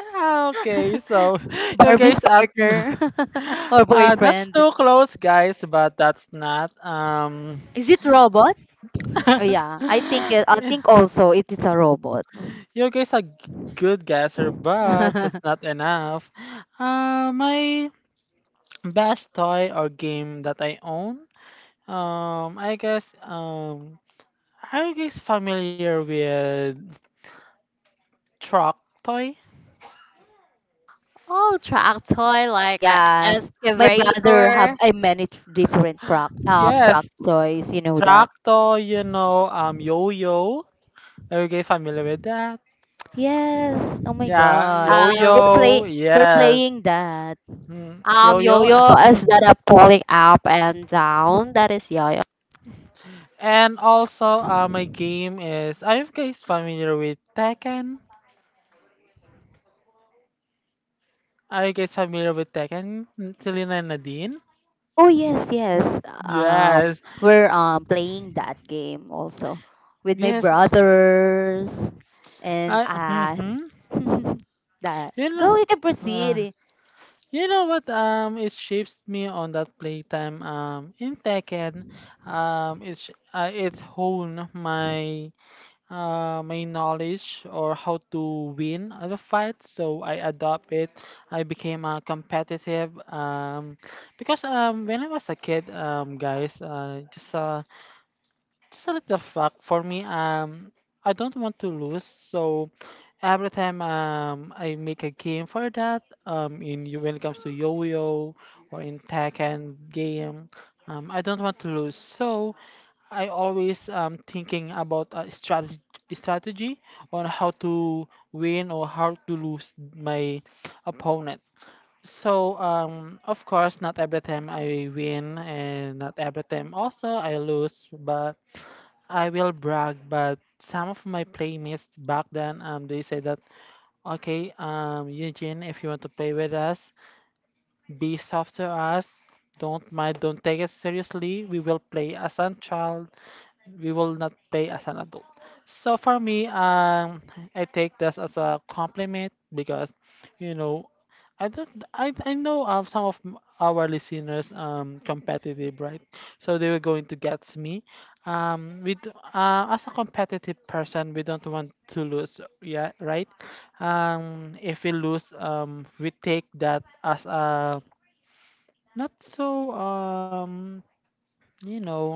[SPEAKER 1] Okay, so you
[SPEAKER 2] Barbie's
[SPEAKER 1] guys at
[SPEAKER 2] partner or
[SPEAKER 1] that's
[SPEAKER 2] boyfriend.
[SPEAKER 1] too close, guys, but that's not
[SPEAKER 3] Is it robot?
[SPEAKER 2] Oh, yeah, I think also it is a robot.
[SPEAKER 1] you guys are g- good guesser, but that's not enough. My best toy or game that I own. I guess, are you guys familiar with truck toy?
[SPEAKER 3] Oh, track toy like an
[SPEAKER 2] Yes, my brother have
[SPEAKER 3] excavator.
[SPEAKER 2] a many different crack truck
[SPEAKER 1] Yes,
[SPEAKER 2] toys. You know that.
[SPEAKER 1] track toy. You know, yo yo. Okay, familiar with that?
[SPEAKER 2] Yes. Oh my
[SPEAKER 1] Yeah,
[SPEAKER 2] God. We're
[SPEAKER 3] Um,
[SPEAKER 2] play
[SPEAKER 1] yo-yo.
[SPEAKER 2] we're
[SPEAKER 1] Yes.
[SPEAKER 2] playing that.
[SPEAKER 1] Mm, yo-yo.
[SPEAKER 3] yo-yo is
[SPEAKER 1] Mhm.
[SPEAKER 3] that a pulling up and down? That is yo-yo.
[SPEAKER 1] And also, my game is. Are you guys familiar with Tekken? Mm, Selena and Nadine.
[SPEAKER 2] Oh yes, yes. Um,
[SPEAKER 1] Yes.
[SPEAKER 2] we're playing that game also with my
[SPEAKER 1] Yes.
[SPEAKER 2] brothers and
[SPEAKER 1] I. Mm-hmm.
[SPEAKER 2] that.
[SPEAKER 1] You know.
[SPEAKER 2] Go, you can
[SPEAKER 1] Uh,
[SPEAKER 2] proceed.
[SPEAKER 1] you know what? It shapes me on that playtime. In Tekken, it's honed my my knowledge or how to win at a fight, so I adopt it. I became competitive, because when I was a kid, guys, just a little fact for me, I don't want to lose. So every time, I make a game for that, in when it comes to yo-yo or in tekken game, I don't want to lose. So I always thinking about a strategy on how to win or how to lose my opponent. So of course, not every time I win, and not every time also I lose, but I will brag but some of my playmates back then, they say that, okay, Eugene, if you want to play with us, be soft to us, don't mind, don't take it seriously, we will play as a child, we will not pay as an adult. So for me, I take this as a compliment because, you know, I don't, I know of some of our listeners competitive, right? So they were going to get me. With as a competitive person, we don't want to lose, yeah, right? If we lose, we take that as a not so you know,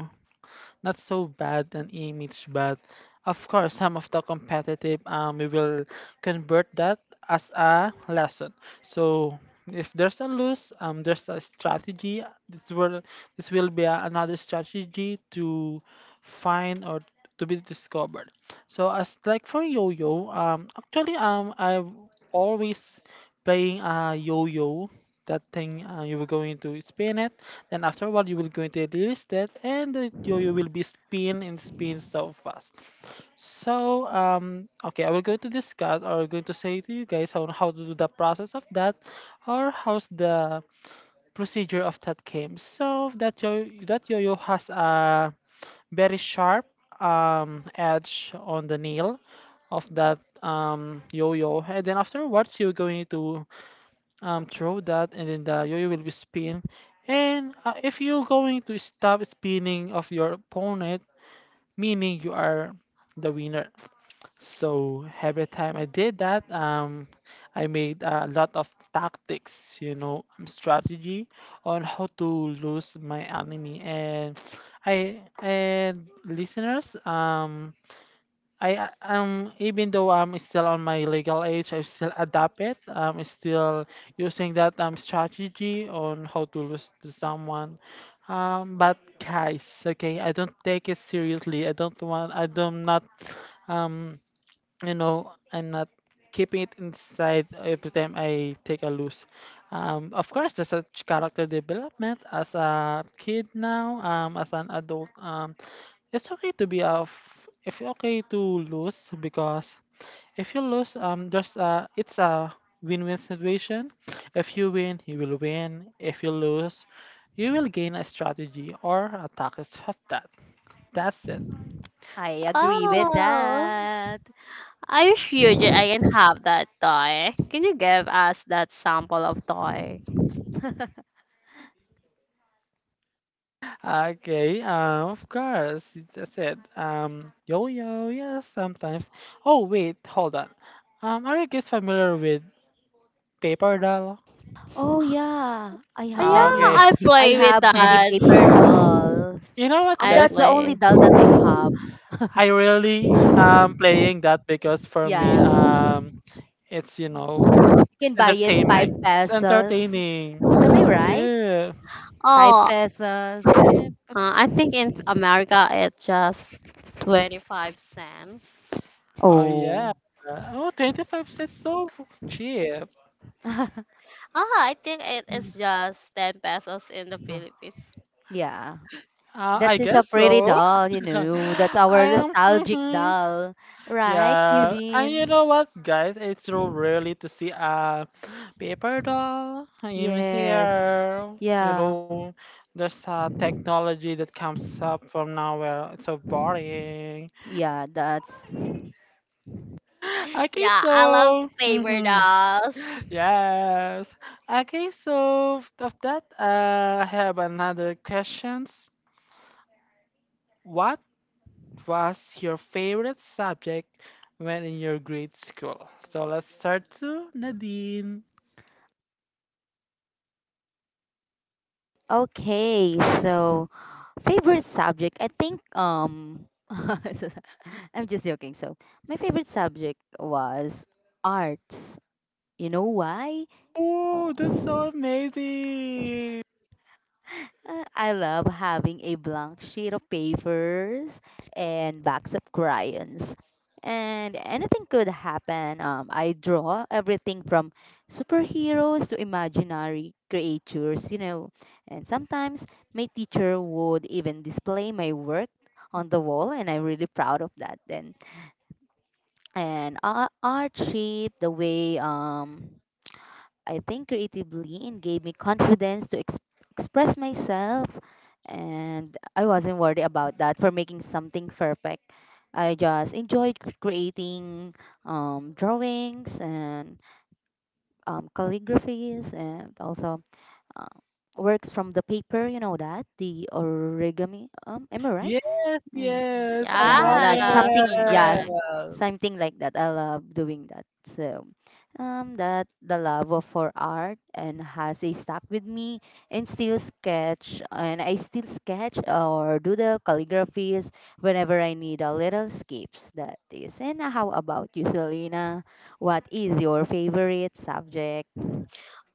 [SPEAKER 1] not so bad an image, but of course, some of the competitive, we will convert that as a lesson. So if there's a lose, there's a strategy. This will this will be a, another strategy to find or to be discovered. So as like for yo-yo, actually, I've always playing a yo-yo. That thing, you were going to spin it, and after a while you will going to release that, and you will be spin and spin so fast. So okay, I will going to discuss or going to say to you guys on how to do the process of that, or how's the procedure of that game. So that yo that yo-yo has a very sharp edge on the nail of that yo-yo, and then afterwards you're going to, throw that, and then the yo-yo will be spin. And if you're going to stop spinning of your opponent, meaning you are the winner. So every time I did that, I made a lot of tactics, you know, strategy on how to lose my enemy. And I, and listeners, I even though I'm still on my legal age, I still adapt it. I'm still using that strategy on how to lose to someone. But guys, okay, I don't take it seriously. I don't want. I don't not. Um, I'm not keeping it inside every time I take a lose. Of course, there's a character development as a kid now. As an adult. It's okay to be if you're okay to lose because if you lose, there's a it's a win-win situation. If you win, you will win. If you lose, you will gain a strategy or a tactics of that. That's it.
[SPEAKER 2] I agree with
[SPEAKER 3] Oh,
[SPEAKER 2] that.
[SPEAKER 3] are you sure that I can have that toy? Can you give us that sample of toy?
[SPEAKER 1] Okay, of course, that's it. Yo, yes, sometimes. Oh wait, hold on. Are you guys familiar with paper doll?
[SPEAKER 2] Oh yeah, I
[SPEAKER 3] Oh,
[SPEAKER 2] have
[SPEAKER 3] yeah,
[SPEAKER 1] Ah,
[SPEAKER 2] many.
[SPEAKER 1] okay.
[SPEAKER 3] I
[SPEAKER 2] I
[SPEAKER 3] play with
[SPEAKER 2] have many
[SPEAKER 3] that.
[SPEAKER 2] paper dolls.
[SPEAKER 1] You know what,
[SPEAKER 3] I
[SPEAKER 2] That's
[SPEAKER 1] guys?
[SPEAKER 2] the only
[SPEAKER 3] play.
[SPEAKER 2] doll that I have.
[SPEAKER 1] I really am playing that because for me,
[SPEAKER 2] Yeah,
[SPEAKER 1] it's,
[SPEAKER 2] you
[SPEAKER 1] it's
[SPEAKER 2] can buy it five
[SPEAKER 1] entertainment. It's
[SPEAKER 2] pesos.
[SPEAKER 1] entertaining.
[SPEAKER 2] Am I right?
[SPEAKER 1] Yeah.
[SPEAKER 2] Five
[SPEAKER 3] Oh,
[SPEAKER 2] pesos. Eh, p-
[SPEAKER 3] I think in America it's just 25¢.
[SPEAKER 1] Oh yeah.
[SPEAKER 2] Oh,
[SPEAKER 1] Oh, 25 cents so cheap.
[SPEAKER 3] Ah, I think it
[SPEAKER 1] Mm.
[SPEAKER 3] is just 10 pesos in the Philippines.
[SPEAKER 2] yeah.
[SPEAKER 1] I
[SPEAKER 2] That's just a
[SPEAKER 1] guess
[SPEAKER 2] pretty
[SPEAKER 1] so.
[SPEAKER 2] doll, you know. That's
[SPEAKER 1] I
[SPEAKER 2] our
[SPEAKER 1] am.
[SPEAKER 2] nostalgic
[SPEAKER 1] Hmm.
[SPEAKER 2] doll, right,
[SPEAKER 1] Yeah, and you
[SPEAKER 2] Eugene?
[SPEAKER 1] know what, guys? It's so really to see a paper doll in
[SPEAKER 2] Yes.
[SPEAKER 1] here. You
[SPEAKER 2] Yeah.
[SPEAKER 1] know, there's a technology that comes up from nowhere. It's so boring.
[SPEAKER 2] Yeah. That's
[SPEAKER 1] Okay,
[SPEAKER 3] Yeah, I love
[SPEAKER 1] so.
[SPEAKER 3] paper
[SPEAKER 1] Hmm.
[SPEAKER 3] dolls.
[SPEAKER 1] Yes. Okay, so of that, I have another questions. What was your favorite subject when in your grade school? So let's start to Nadine.
[SPEAKER 2] okay. So, favorite subject. I think I'm just joking. So, my favorite subject was arts. You know why?
[SPEAKER 1] Oh, that's
[SPEAKER 2] Oh.
[SPEAKER 1] so amazing!
[SPEAKER 2] I love having a blank sheet of papers and backs of crayons. And anything could happen. I draw everything from superheroes to imaginary creatures, you know. And sometimes my teacher would even display my work on the wall, and I'm really proud of that then. And art shaped the way I think creatively and gave me confidence to express myself. And I wasn't worried about that for making something perfect. I just enjoyed creating drawings and calligraphies and also uh, works from the paper, you know that, the origami. Am I right?
[SPEAKER 1] Yes,
[SPEAKER 2] Mm,
[SPEAKER 1] yes, I
[SPEAKER 2] yeah,
[SPEAKER 1] love
[SPEAKER 2] like
[SPEAKER 3] Yes, you're
[SPEAKER 2] something, yes,
[SPEAKER 3] correct.
[SPEAKER 1] it.
[SPEAKER 2] something like that I love doing that. So that the love of for art and has a stuck with me and still sketch and I still sketch or do the calligraphies whenever I need a little escapes that is. And how about you, Selena? What is your favorite subject?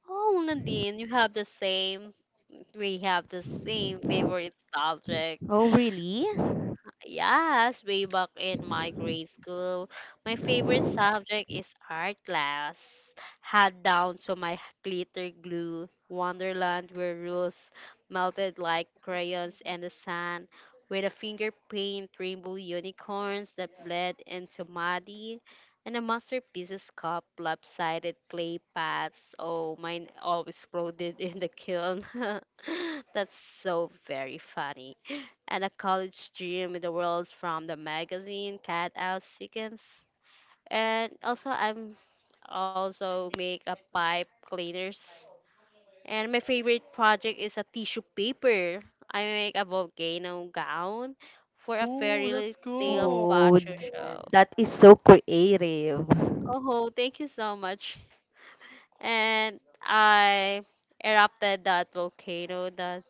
[SPEAKER 3] Oh, Nadine, you have the same. We have the same favorite subject.
[SPEAKER 2] Oh really.
[SPEAKER 3] Yes, way back in my grade school, my favorite subject is art class. Had down to my glitter glue, Wonderland where rules melted like crayons in the sand, with a finger paint rainbow unicorns that bled into muddy, and a masterpiece's cup lopsided clay pots. Oh, mine always exploded in the kiln. That's so very funny, and a college dream in the world from the magazine Cat Out Sequence. And also I'm also make a pipe cleaners. And my favorite project is a tissue paper. I make a volcano gown for a
[SPEAKER 1] Oh,
[SPEAKER 3] fairy
[SPEAKER 1] that's
[SPEAKER 3] tale
[SPEAKER 1] cool.
[SPEAKER 2] Oh
[SPEAKER 3] fashion show.
[SPEAKER 2] that is so creative.
[SPEAKER 3] Oh, thank you so much. And I erupted that volcano that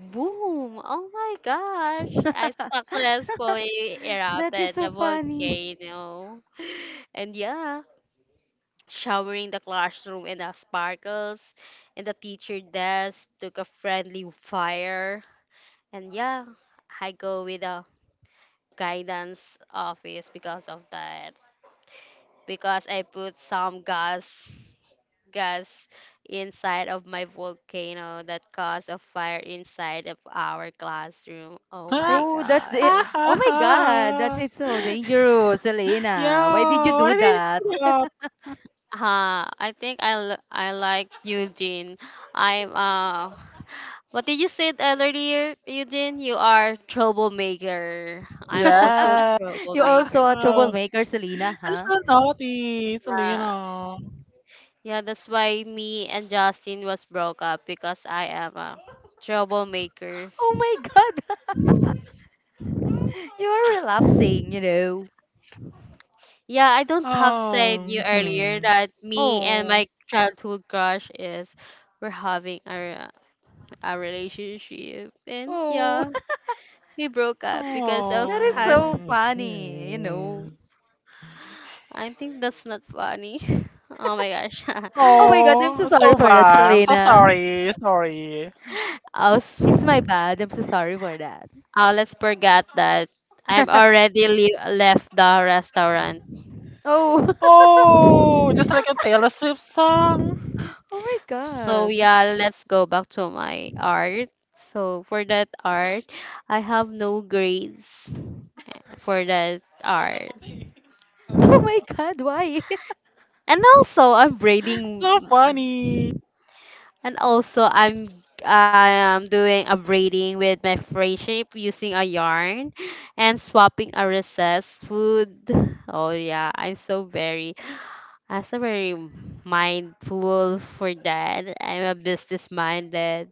[SPEAKER 3] boom! Oh my gosh! I successfully
[SPEAKER 2] That is
[SPEAKER 3] erupted the
[SPEAKER 2] so funny.
[SPEAKER 3] volcano. And yeah, showering the classroom in the sparkles, and the teacher desk took a friendly fire. And yeah, I go with the guidance office because of that because I put some gas inside of my volcano that caused a fire inside of our classroom. Oh
[SPEAKER 1] Ha
[SPEAKER 3] my
[SPEAKER 2] Oh, that's
[SPEAKER 1] ha
[SPEAKER 2] it.
[SPEAKER 3] god.
[SPEAKER 2] Oh my
[SPEAKER 1] ha
[SPEAKER 2] God, that
[SPEAKER 1] ha!
[SPEAKER 2] is so dangerous,
[SPEAKER 1] Yo,
[SPEAKER 2] Selena. Why did you do
[SPEAKER 1] why did
[SPEAKER 2] that?
[SPEAKER 1] you do that?
[SPEAKER 3] Huh, I think I like Eugene. I'm what did you say earlier, Eugene? You are troublemaker. I'm also
[SPEAKER 1] Yeah,
[SPEAKER 2] You're
[SPEAKER 3] troublemaker.
[SPEAKER 2] also a
[SPEAKER 1] I'm
[SPEAKER 2] troublemaker, Selena, huh?
[SPEAKER 1] so naughty,
[SPEAKER 3] Yeah,
[SPEAKER 1] Selena.
[SPEAKER 3] yeah, that's why me and Justin was broke up because I am a troublemaker.
[SPEAKER 2] Oh my God, you are relapsing, you know.
[SPEAKER 3] Yeah, I don't have said
[SPEAKER 1] Oh,
[SPEAKER 3] you earlier
[SPEAKER 1] hmm.
[SPEAKER 3] that me and
[SPEAKER 2] Oh,
[SPEAKER 3] my childhood crush is we're having our a relationship and
[SPEAKER 2] oh,
[SPEAKER 3] yeah, we broke up because of
[SPEAKER 2] that is so
[SPEAKER 1] Oh,
[SPEAKER 2] funny, you know.
[SPEAKER 1] hmm.
[SPEAKER 3] I think that's not funny. Oh my gosh.
[SPEAKER 2] Oh my God, I'm so
[SPEAKER 1] Oh,
[SPEAKER 2] sorry
[SPEAKER 1] so
[SPEAKER 2] for that,
[SPEAKER 1] bad. I'm so
[SPEAKER 2] Selena.
[SPEAKER 1] sorry. Sorry.
[SPEAKER 3] I'll,
[SPEAKER 2] It's my bad. I'm so sorry for that.
[SPEAKER 3] I'll let's forget that. I'm already left the restaurant.
[SPEAKER 2] Oh,
[SPEAKER 1] Oh, just like a Taylor Swift song.
[SPEAKER 2] oh my
[SPEAKER 3] So
[SPEAKER 2] God.
[SPEAKER 3] yeah, let's go back to my art. So for that art, I have no grades for that art.
[SPEAKER 2] Oh my God, why?
[SPEAKER 3] And also I'm braiding
[SPEAKER 1] So funny.
[SPEAKER 3] and also I'm doing a braiding with my fray shape using a yarn and swapping a recessed food. Oh yeah, I'm so very mindful for that. I'm a business minded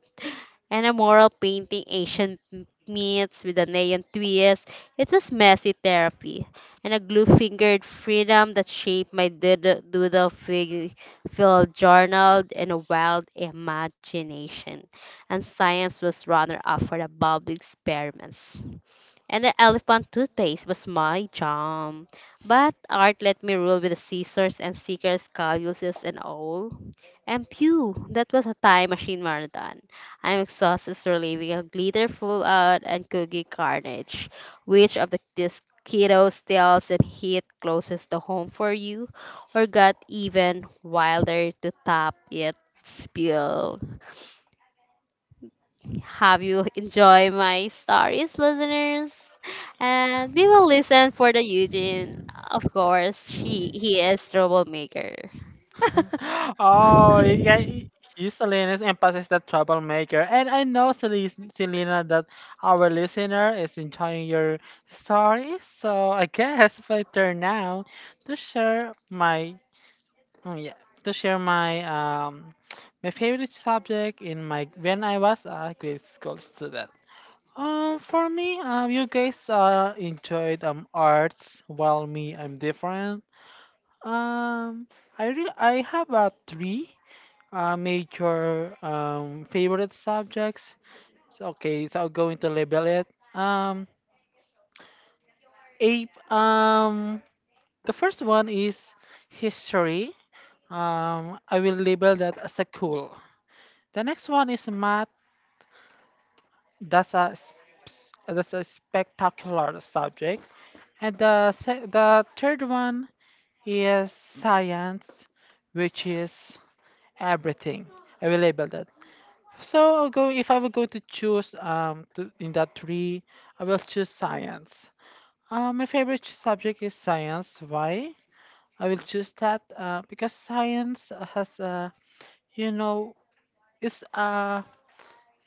[SPEAKER 3] and a mural painting Asian meets with a neon twist. It was messy therapy and a glue-fingered freedom that shaped my doodle filled journal and a wild imagination. And science was runner-up for the bulb experiments and the elephant toothpaste was my jam. But art let me rule with the scissors and stickers, calluses and all. And phew, that was a time machine marathon. I'm exhausted from leaving a glitter full out and cookie carnage. Which of the these kiddos tells and hit closest to home for you, or got even wilder to top it spill? Have you enjoy my stories, listeners? And we will listen for the Eugene. Of course, she he is troublemaker.
[SPEAKER 1] Oh, you guys, you Selena's emphasis the troublemaker, and I know Selena that our listener is enjoying your story. So I guess it's my turn now to share my Oh, yeah, to share my my favorite subject in my when I was a grade school student. For me, you guys enjoyed arts, while me I'm different. Um, I have three major favorite subjects. So, okay, so I'm going to label it. Um, a the first one is history. I will label that as a cool. The next one is math. That's a that's a spectacular subject. And the the third one is science, which is everything. I will label that. So I'll go if I were going to choose to, in that three, I will choose science. My favorite subject is science. Why? I will choose that because science has a you know it's a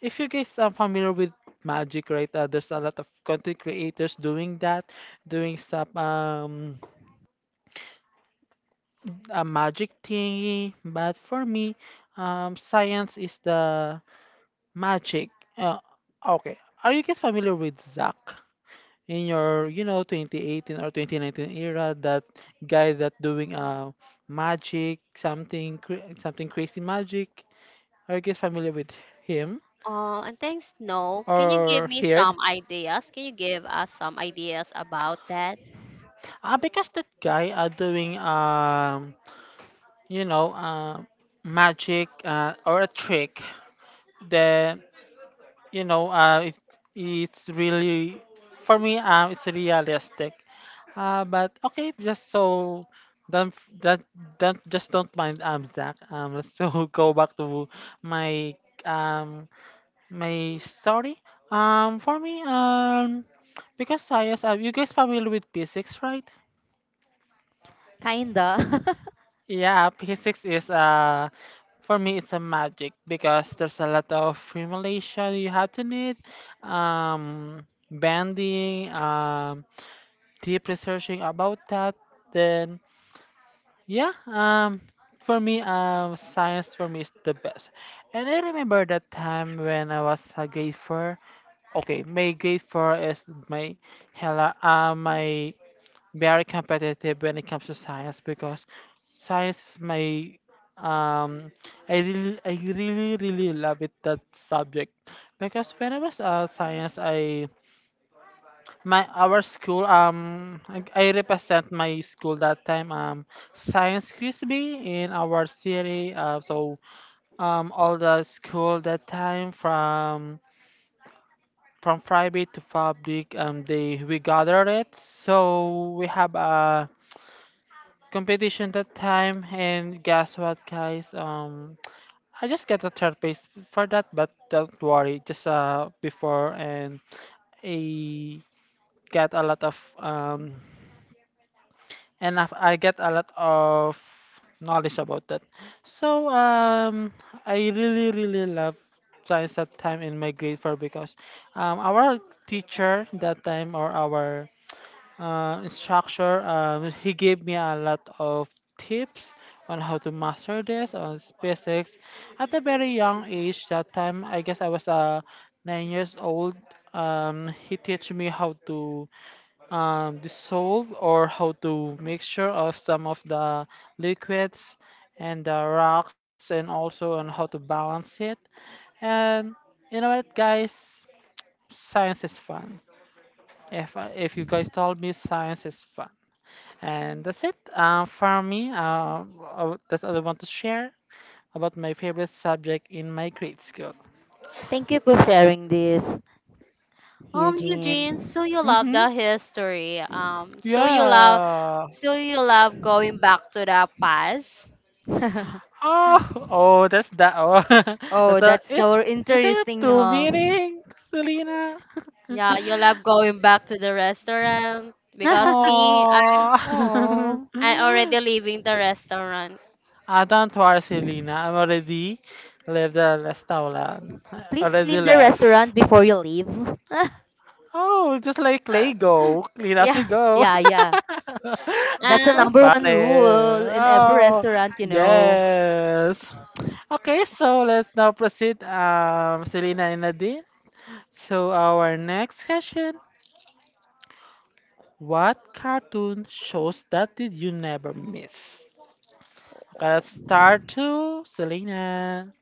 [SPEAKER 1] if you guys are familiar with magic, right? There's a lot of content creators doing that, doing some a magic thingy. But for me, science is the magic. Uh, okay. Are you guys familiar with Zach in your 2018 or 2019 era? That guy that doing magic something crazy magic. Are you guys familiar with him
[SPEAKER 3] Oh, and thanks, No. Can you give
[SPEAKER 1] or
[SPEAKER 3] me
[SPEAKER 1] here?
[SPEAKER 3] some ideas? Can you give us some ideas about that?
[SPEAKER 1] Because that guy are doing you know uh, magic or a trick that it, it's really for me it's realistic but okay just so don't f- that don't just don't mind Zach let's so go back to my um my story for me because I yes you guys familiar with physics right.
[SPEAKER 2] Kinda.
[SPEAKER 1] Yeah, physics is for me, it's a magic because there's a lot of formulation you have to need, bending, deep researching about that. Then, yeah, for me, science for me is the best. And I remember that time when I was a grade four. Okay, my grade four is my hella, my very competitive when it comes to science because science is my um I really really love it that subject because when I was science I my our school I represent my school that time science quiz bee in our city, so all the school that time from private to public they we gathered it so we have a competition that time. And guess what, guys? I just got a third place for that, but don't worry just before and I get a lot of enough. I get a lot of knowledge about that. So I really really love science that time in my grade four because our teacher that time or our instructor. He gave me a lot of tips on how to master this on SpaceX at a very young age. That time, I guess I was 9 years old. He teach me how to dissolve or how to mixture of some of the liquids and the rocks, and also on how to balance it. And you know what, guys? Science is fun. If you guys told me science is fun. And that's it, for me. That's all I want to share about my favorite subject in my grade school.
[SPEAKER 2] Thank you for sharing this.
[SPEAKER 3] Eugene,
[SPEAKER 2] Eugene.
[SPEAKER 3] so you love
[SPEAKER 1] Mm-hmm.
[SPEAKER 3] the history. So
[SPEAKER 1] Yes.
[SPEAKER 3] you love going back to the past.
[SPEAKER 1] Oh, oh, that's that. Oh, that's
[SPEAKER 2] Oh,
[SPEAKER 1] the.
[SPEAKER 2] that's so
[SPEAKER 1] Is there
[SPEAKER 2] interesting,
[SPEAKER 1] two
[SPEAKER 2] huh?
[SPEAKER 1] meanings, Selena?
[SPEAKER 3] Yeah, you love going back to the restaurant because me,
[SPEAKER 1] Oh.
[SPEAKER 2] Oh,
[SPEAKER 3] I already leaving the restaurant.
[SPEAKER 1] Ah, don't worry, Selena. I'm already left the restaurant.
[SPEAKER 2] please
[SPEAKER 1] Already
[SPEAKER 2] clean the
[SPEAKER 1] left.
[SPEAKER 2] restaurant before you leave.
[SPEAKER 1] Oh, just like Lego, clean as you
[SPEAKER 2] Yeah,
[SPEAKER 1] go.
[SPEAKER 2] yeah, yeah.
[SPEAKER 1] That's
[SPEAKER 2] That's the
[SPEAKER 1] so
[SPEAKER 3] Um,
[SPEAKER 2] number one
[SPEAKER 1] funny.
[SPEAKER 2] rule in every
[SPEAKER 1] Oh,
[SPEAKER 2] restaurant, you know.
[SPEAKER 1] yes. Okay, so let's now proceed, Selena and Nadine. So our next question: what cartoon shows that did you never miss? Okay, let's start to Selena.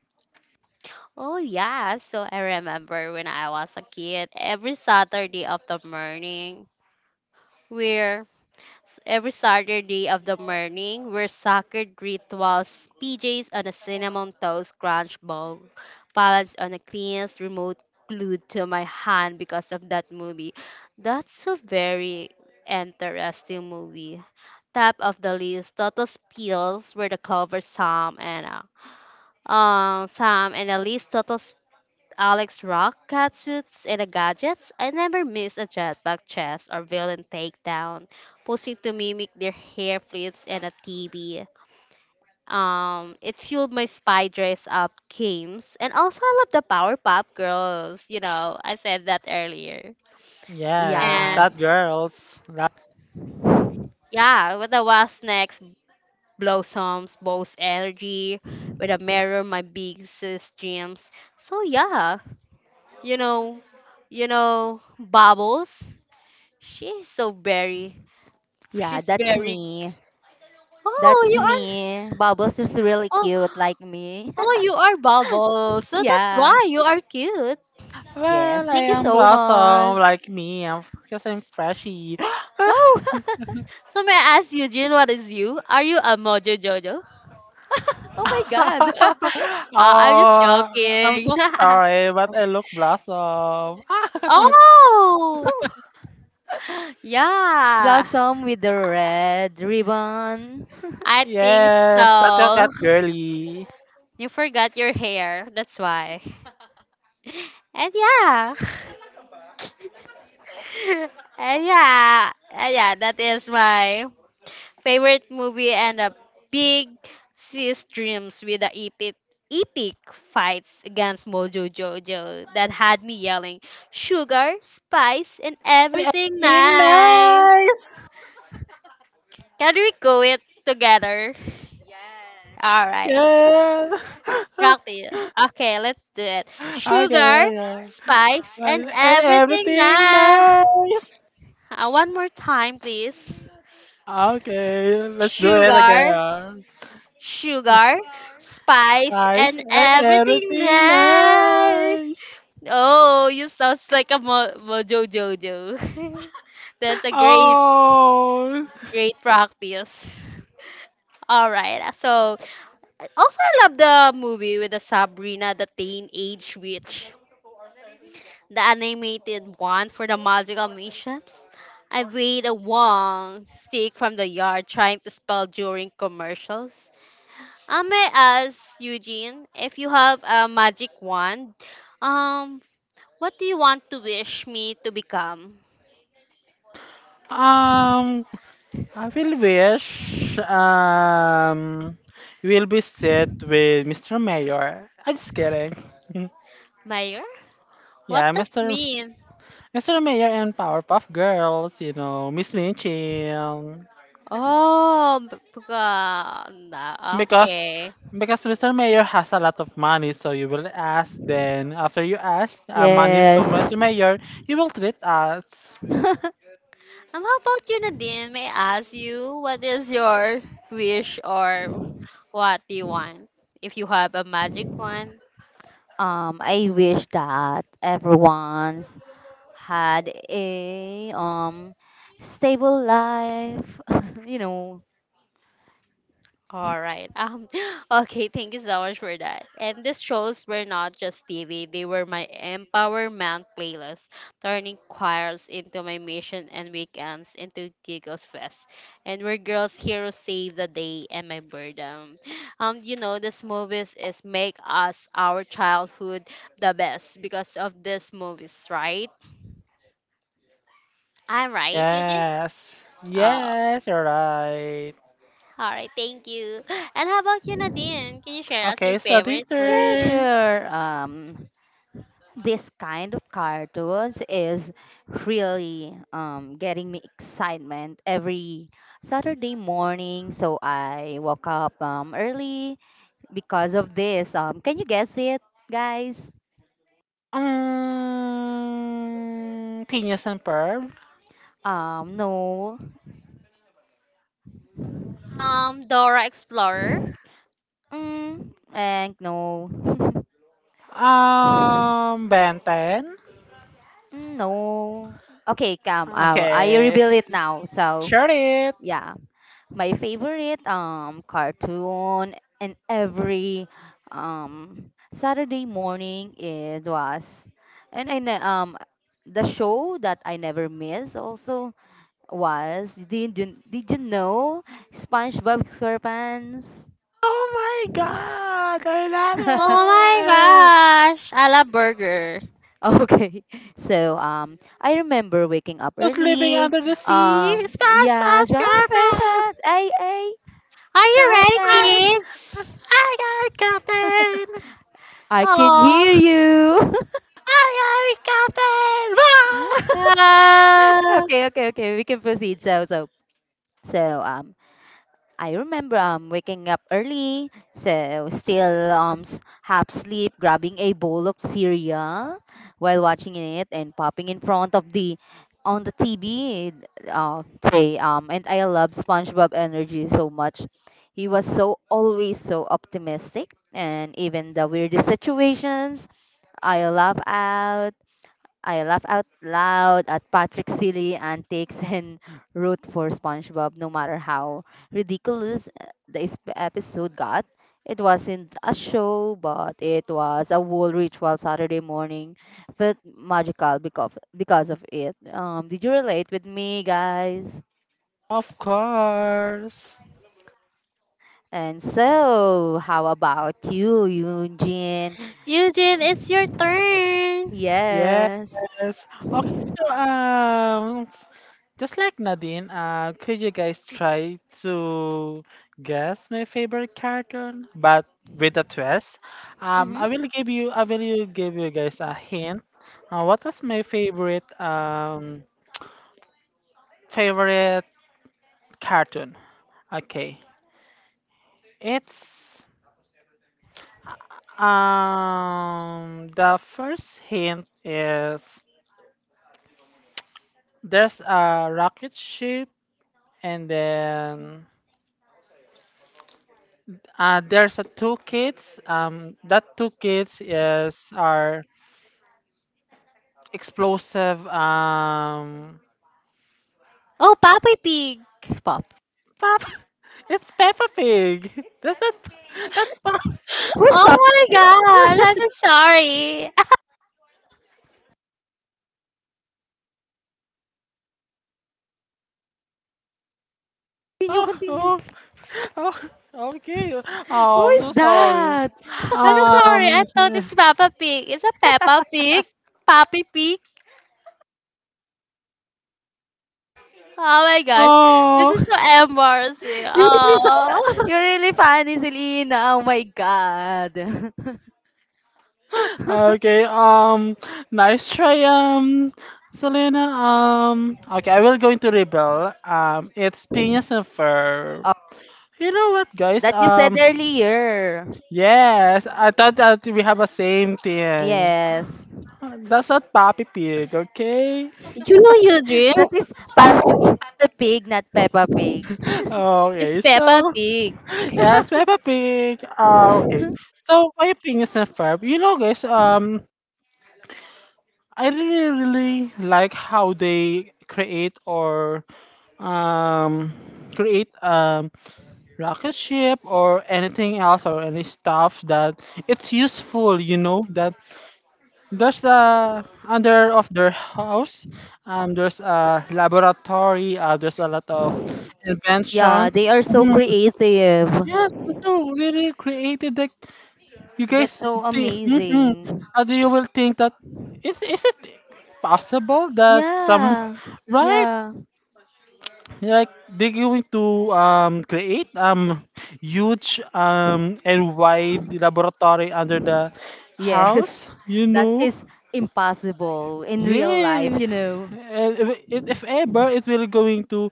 [SPEAKER 3] oh yeah, so I remember when I was a kid, every Saturday of the morning, we're every Saturday of the morning, we're sacred rituals, PJs on a cinnamon toast crunch bowl, balanced on a cleanest remote glued to my hand because of that movie. That's a very interesting movie. Top of the list, Toto's Pills were the cover Sam and Sam and Elise Toto's Alex rock catsuits and a gadgets, I never miss a jetpack chess or villain takedown, posing to mimic their hair flips and a TV. It fueled my spy dress up games, and also I love the Powerpuff Girls. You know, I said that earlier.
[SPEAKER 1] Yes, that
[SPEAKER 3] And
[SPEAKER 2] Yes.
[SPEAKER 1] girls. That-
[SPEAKER 3] yeah, with the was next blossoms, both energy, with a mirror, my biggest dreams. So yeah, you know, you know, bubbles. She's so very.
[SPEAKER 2] Yeah,
[SPEAKER 3] She's
[SPEAKER 2] that's
[SPEAKER 3] very.
[SPEAKER 2] me.
[SPEAKER 3] Oh,
[SPEAKER 2] That's
[SPEAKER 3] you are.
[SPEAKER 2] me. Bubbles is really
[SPEAKER 3] Oh,
[SPEAKER 2] cute like me.
[SPEAKER 3] oh, you are bubbles. So that's
[SPEAKER 2] Yeah.
[SPEAKER 3] why you are cute.
[SPEAKER 2] Yes.
[SPEAKER 1] well, I
[SPEAKER 2] Thank you
[SPEAKER 1] am
[SPEAKER 2] so much.
[SPEAKER 1] Blossom, like me. I'm because I'm freshy.
[SPEAKER 2] Oh,
[SPEAKER 3] So may I ask Eugene, what is you? Are you a Mojo Jojo?
[SPEAKER 2] oh my God.
[SPEAKER 3] I'm just
[SPEAKER 1] Oh, I'm
[SPEAKER 3] joking.
[SPEAKER 1] so sorry, but I look blossom.
[SPEAKER 3] Oh, yeah.
[SPEAKER 2] Blossom with the red ribbon.
[SPEAKER 3] I think
[SPEAKER 1] Yes, that's your
[SPEAKER 3] so.
[SPEAKER 1] cat girly.
[SPEAKER 3] You forgot your hair. That's why. And yeah. And yeah. And yeah. That is my favorite movie and a big sis dreams with the epic fights against Mojo Jojo that had me yelling sugar, spice, and everything
[SPEAKER 1] Being
[SPEAKER 3] nice.
[SPEAKER 1] nice.
[SPEAKER 3] Can we go it together? All right,
[SPEAKER 1] Yes.
[SPEAKER 3] practice. Okay, let's do it. Sugar,
[SPEAKER 1] Okay, alright.
[SPEAKER 3] spice, and
[SPEAKER 1] Nice. And
[SPEAKER 3] everything
[SPEAKER 1] everything
[SPEAKER 3] nice.
[SPEAKER 1] nice.
[SPEAKER 3] One more time, please.
[SPEAKER 1] Okay, let's do it
[SPEAKER 3] Sugar,
[SPEAKER 1] again.
[SPEAKER 3] sugar, spice,
[SPEAKER 1] Nice
[SPEAKER 3] and
[SPEAKER 1] and
[SPEAKER 3] everything
[SPEAKER 1] everything
[SPEAKER 3] there.
[SPEAKER 1] nice.
[SPEAKER 3] Oh, you sounds like a mojo jojo. That's a great,
[SPEAKER 1] Oh,
[SPEAKER 3] great practice. All right. So also I love the movie with the Sabrina the Teenage Witch, the animated one for the magical missions. I weighed a wong stick from the yard trying to spell during commercials. I may ask Eugene if you have a magic wand. Um, what do you want to wish me to become?
[SPEAKER 1] um, I will wish will be set with Mr. Mayor. I'm just kidding.
[SPEAKER 3] Mayor?
[SPEAKER 1] yeah,
[SPEAKER 3] What does
[SPEAKER 1] Mr.
[SPEAKER 3] mean?
[SPEAKER 1] Mr. Mayor and Powerpuff Girls, you know, Miss Lin Chin.
[SPEAKER 3] Oh,
[SPEAKER 1] Because
[SPEAKER 3] okay.
[SPEAKER 1] because Mr. Mayor has a lot of money, so you will ask. Then after you ask money to
[SPEAKER 2] Yes.
[SPEAKER 1] Mr. Mayor, he will treat us.
[SPEAKER 3] How about you, Nadine? May I ask you what is your wish or what do you want? If you have a magic wand?
[SPEAKER 2] I wish that everyone's had a stable life. You know.
[SPEAKER 3] All right. Okay, thank you so much for that. And these shows were not just TV, they were my empowerment playlist, turning choirs into my mission and weekends into giggles fest. And where girls heroes save the day and my boredom. These movies is make us our childhood the best because of these movies, right? I'm right, Eugene?
[SPEAKER 1] Yes,
[SPEAKER 3] Oh, all
[SPEAKER 1] yes, you're right.
[SPEAKER 3] right, thank you. And how about you, Nadine? Can you share us your
[SPEAKER 1] Okay, starting
[SPEAKER 3] favorite
[SPEAKER 2] Yeah,
[SPEAKER 3] movie?
[SPEAKER 1] turn.
[SPEAKER 2] sure. This kind of cartoons is really getting me excitement every Saturday morning. So I woke up early because of this. Can you guess it, guys?
[SPEAKER 1] Mm, Phineas and Ferb?
[SPEAKER 2] No.
[SPEAKER 3] Dora Explorer.
[SPEAKER 2] Mm, and no.
[SPEAKER 1] Ben 10?
[SPEAKER 2] Mm, no. Okay, come. I
[SPEAKER 1] Okay.
[SPEAKER 2] reveal it now. So,
[SPEAKER 1] Share it.
[SPEAKER 2] yeah. My favorite cartoon and every Saturday morning it was and the show that I never miss also was did you know SpongeBob SquarePants?
[SPEAKER 1] Oh my god, I
[SPEAKER 3] Oh
[SPEAKER 1] love
[SPEAKER 3] my
[SPEAKER 1] it.
[SPEAKER 3] gosh, I love burger.
[SPEAKER 2] Okay. So I remember waking up
[SPEAKER 1] Who's living
[SPEAKER 2] early.
[SPEAKER 1] under the sea? Splash,
[SPEAKER 2] Yes,
[SPEAKER 1] Bros.
[SPEAKER 2] wow, grandpa,
[SPEAKER 1] Girlfriend.
[SPEAKER 2] ay ay,
[SPEAKER 3] Are you ready,
[SPEAKER 1] I,
[SPEAKER 2] Captain.
[SPEAKER 3] kids?
[SPEAKER 1] I got captain.
[SPEAKER 2] I can
[SPEAKER 3] Oh,
[SPEAKER 2] hear you.
[SPEAKER 1] I got captain.
[SPEAKER 3] ah,
[SPEAKER 2] Okay, okay, okay. We can proceed. So I remember waking up early, so still half sleep, grabbing a bowl of cereal while watching it and popping in front of the TV uh, say and I love SpongeBob energy so much. He was always so optimistic and even the weirdest situations I laugh out I laugh out loud at Patrick's silly antics and root for SpongeBob no matter how ridiculous the episode got. It wasn't a show, but it was a whole ritual Saturday morning. Felt magical because of it. Did you relate with me, guys?
[SPEAKER 1] Wah! Of course.
[SPEAKER 2] And so, how about you, Eugene?
[SPEAKER 3] Eugene, it's your turn.
[SPEAKER 1] Yes.
[SPEAKER 2] Yes.
[SPEAKER 1] Okay, so just like Nadine, could you guys try to guess my favorite cartoon, but with a twist?
[SPEAKER 2] Mm-hmm.
[SPEAKER 1] I will you give you guys a hint. What was my favorite favorite cartoon? Okay, it's the first hint is there's a rocket ship and then there's a two kids. That two kids is are explosive.
[SPEAKER 3] Oh, Papa Pig. Pop.
[SPEAKER 1] Papa, it's Peppa Pig. That's that. That's Peppa.
[SPEAKER 2] Who's
[SPEAKER 3] Oh my
[SPEAKER 2] talking?
[SPEAKER 3] gosh, I'm so sorry.
[SPEAKER 2] Continue,
[SPEAKER 1] Oh,
[SPEAKER 2] continue.
[SPEAKER 1] oh, oh, okay.
[SPEAKER 2] Who
[SPEAKER 1] Oh, I'm so
[SPEAKER 2] is
[SPEAKER 1] sorry.
[SPEAKER 2] that?
[SPEAKER 3] I'm so sorry. I
[SPEAKER 1] Um.
[SPEAKER 3] thought it's Papa Pig. It's a Peppa Pig. Papi Pig. Oh my gosh. This is
[SPEAKER 1] Oh.
[SPEAKER 3] so embarrassing.
[SPEAKER 2] You're really,
[SPEAKER 3] Oh.
[SPEAKER 2] you're really funny, Selena. Oh my God.
[SPEAKER 1] Okay. Nice try. Selena. Okay. I will go into rebel. It's Piñas and Ferb.
[SPEAKER 2] Oh,
[SPEAKER 1] You know what, guys?
[SPEAKER 2] that you said earlier.
[SPEAKER 1] Yes, I thought that we have a same thing.
[SPEAKER 2] Yes.
[SPEAKER 1] That's not Papi Pig, okay?
[SPEAKER 3] You know,
[SPEAKER 2] That
[SPEAKER 3] Eugene,
[SPEAKER 2] is Peppa Pig, not Peppa Pig.
[SPEAKER 3] it's
[SPEAKER 1] Okay,
[SPEAKER 3] Peppa
[SPEAKER 1] so
[SPEAKER 3] Pig.
[SPEAKER 1] yes, Peppa Pig. Okay, so my opinions on Ferb. You know, guys. I really, really like how they create or um create rocket ship or anything else or any stuff that it's useful. You know that there's under of their house, there's a laboratory. There's a lot of
[SPEAKER 2] Yeah,
[SPEAKER 1] inventions.
[SPEAKER 2] they are so
[SPEAKER 1] Mhm.
[SPEAKER 2] creative.
[SPEAKER 1] Yes, it's so really creative. Like you
[SPEAKER 2] That's
[SPEAKER 1] guys,
[SPEAKER 2] so
[SPEAKER 1] think, mm,
[SPEAKER 2] amazing.
[SPEAKER 1] and you will think that is it possible that some
[SPEAKER 2] Yeah.
[SPEAKER 1] right
[SPEAKER 2] Yeah.
[SPEAKER 1] like they're going to create huge and wide laboratory under the
[SPEAKER 2] Yes.
[SPEAKER 1] house, you
[SPEAKER 2] That
[SPEAKER 1] know?
[SPEAKER 2] is impossible in real
[SPEAKER 1] Yeah,
[SPEAKER 2] life, you know.
[SPEAKER 1] and if, if ever it will going to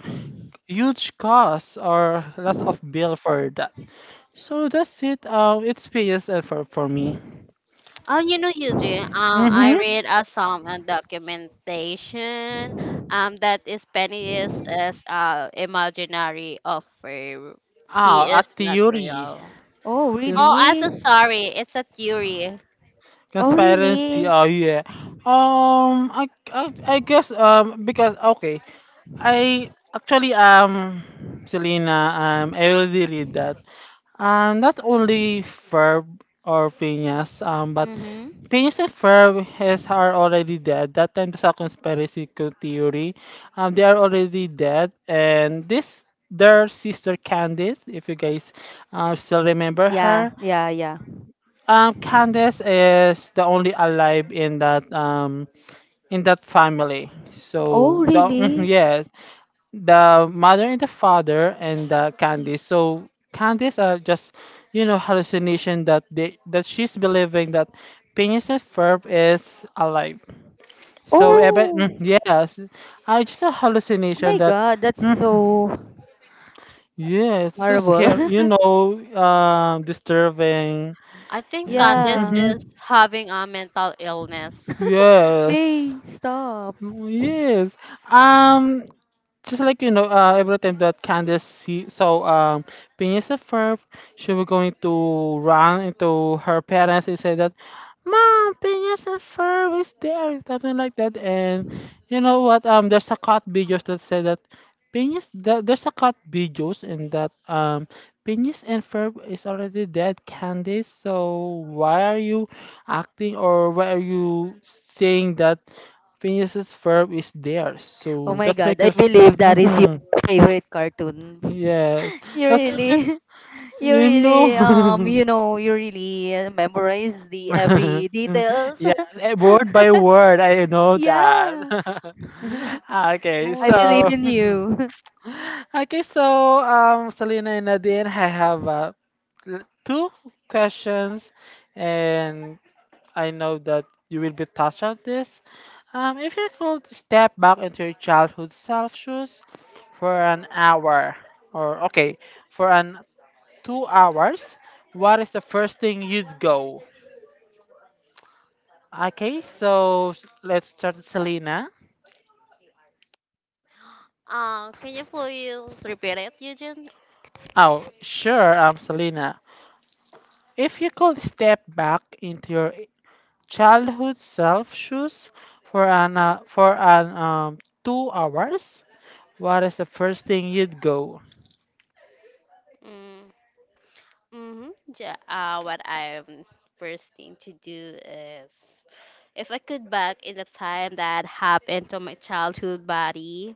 [SPEAKER 1] huge cost or lots of bill for that. So that's it. It's PSL for me.
[SPEAKER 3] Oh, you know, Eugene, I
[SPEAKER 1] Mm-hmm.
[SPEAKER 3] read some documentation that is Penny is imaginary of her. He
[SPEAKER 1] Ah,
[SPEAKER 3] is
[SPEAKER 1] at
[SPEAKER 3] not
[SPEAKER 1] theory.
[SPEAKER 3] real.
[SPEAKER 2] Oh,
[SPEAKER 1] Yes.
[SPEAKER 3] Oh, I'm so
[SPEAKER 2] really?
[SPEAKER 3] sorry. It's a theory.
[SPEAKER 2] Oh,
[SPEAKER 1] Conspiracy.
[SPEAKER 2] really?
[SPEAKER 1] Oh yeah. I guess because okay, I actually Selena I already read that. Not only Ferb or Phineas but
[SPEAKER 2] Mm-hmm.
[SPEAKER 1] Phineas and Ferb has are already dead. That time there's a conspiracy theory. They are already dead, and this their sister Candice, if you guys still remember
[SPEAKER 2] Yeah,
[SPEAKER 1] her,
[SPEAKER 2] yeah, yeah.
[SPEAKER 1] Candace is the only alive in that family. So
[SPEAKER 2] Oh,
[SPEAKER 1] the mhm,
[SPEAKER 2] really?
[SPEAKER 1] yes, the mother and the father and the Candice. So Candice are just hallucination that they that she's believing that Phineas and Ferb is alive. So Eben,
[SPEAKER 2] Oh!
[SPEAKER 1] mm, yes, I just a
[SPEAKER 2] Oh my
[SPEAKER 1] hallucination that.
[SPEAKER 2] God, that's so
[SPEAKER 1] Mhm. Yes, this is
[SPEAKER 2] horrible.
[SPEAKER 1] scary. You know, disturbing.
[SPEAKER 3] I think Candace
[SPEAKER 2] Yeah.
[SPEAKER 3] is having a mental illness.
[SPEAKER 1] Yes.
[SPEAKER 2] Hey, stop.
[SPEAKER 1] Mm. Yes. Um, just like you know, every time that Candace see saw Phineas and Ferb, she was going to run into her parents and say that, "Mom, Phineas and Ferb is there," something like that. And you know what? There's a cut videos that say that Phineas. There's a cut videos in that Phineas and Ferb is already dead, Candace. So why are you acting or why are you saying that? Phineas's verb is theirs.
[SPEAKER 2] Oh
[SPEAKER 1] So
[SPEAKER 2] my
[SPEAKER 1] that's my
[SPEAKER 2] God, I believe that is your
[SPEAKER 1] Mhm.
[SPEAKER 2] favorite cartoon.
[SPEAKER 1] Yes.
[SPEAKER 2] You
[SPEAKER 3] So
[SPEAKER 1] That's
[SPEAKER 2] really,
[SPEAKER 3] that's
[SPEAKER 2] you
[SPEAKER 1] you know.
[SPEAKER 2] really, you know, you really memorize the every details.
[SPEAKER 1] Yes, word by word, I know that.
[SPEAKER 2] Yeah,
[SPEAKER 1] okay,
[SPEAKER 3] oh
[SPEAKER 2] I believe
[SPEAKER 1] so
[SPEAKER 3] really.
[SPEAKER 2] in you.
[SPEAKER 1] okay, so Selena and Nadine, I have two questions, and I know that you will be touched on this. If you could step back into your childhood self shoes for an hour, or okay, for an 2 hours, what is the first thing you'd go? Okay, so let's start with Selena.
[SPEAKER 3] Can you please repeat it, Eugene?
[SPEAKER 1] Oh, sure, Selena. If you could step back into your childhood self shoes for an 2 hours, what is the first thing you'd go?
[SPEAKER 3] Mm, mm-hmm. Yeah, what I'm first thing to do is if I could back in the time that happened to my childhood body,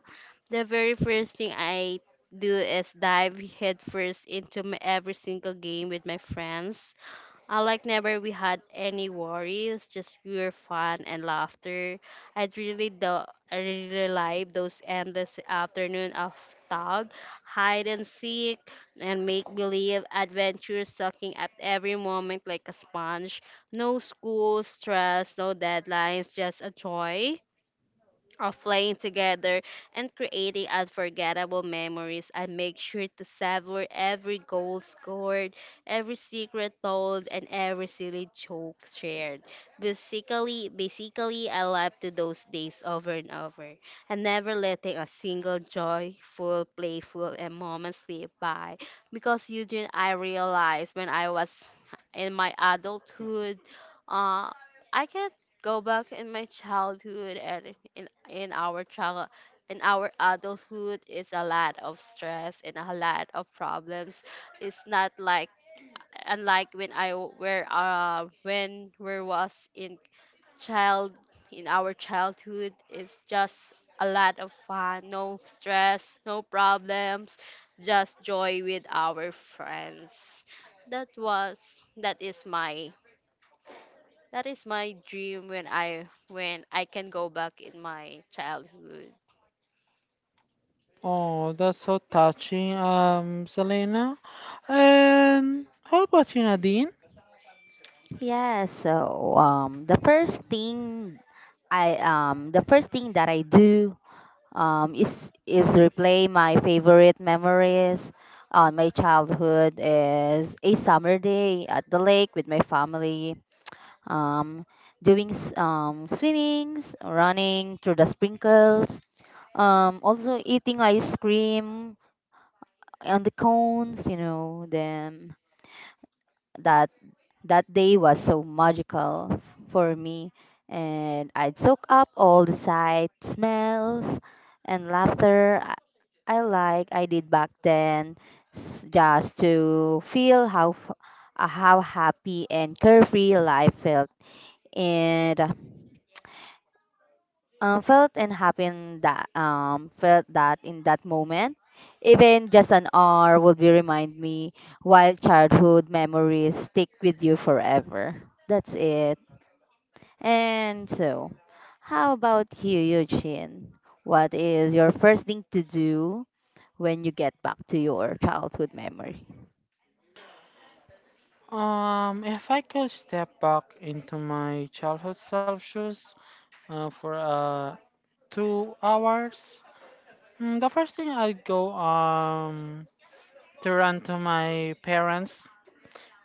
[SPEAKER 3] the very first thing I do is dive headfirst into my every single game with my friends. I like never we had any worries, just pure fun and laughter. I'd really do I really like those endless afternoon of tug, hide and seek, and make believe adventures sucking at every moment like a sponge. No school stress, no deadlines, just a joy of playing together and creating unforgettable memories. I make sure to savor every goal scored, every secret told, and every silly joke shared. Basically, I love to those days over and over, and never letting a single joyful, playful, and moment slip by. Because Eugene, I realized when I was in my adulthood, uh, I can go back in my childhood and in our child in our adulthood it's a lot of stress and a lot of problems, it's not like unlike when I w- were when we was in child in our childhood it's just a lot of fun, no stress, no problems, just joy with our friends. that was that is my that is my dream when I can go back in my childhood.
[SPEAKER 1] Oh, that's so touching, Selena. And how about you, Nadine?
[SPEAKER 2] Yeah, so um, the first thing the first thing that I do is replay my favorite memories on my childhood is a summer day at the lake with my family, um, doing swimmings, running through the sprinkles, also eating ice cream on the cones, then that that day was so magical for me, and I'd soak up all the sights, smells, and laughter I like I did back then, just to feel how happy and carefree life felt, and felt and happy in that felt that in that moment. Even just an hour would be remind me while childhood memories stick with you forever. That's it. And so, how about you, Eugene? What is your first thing to do when you get back to your childhood memory?
[SPEAKER 1] If I could step back into my childhood self shoes for 2 hours, the first thing I'd go, to run to my parents,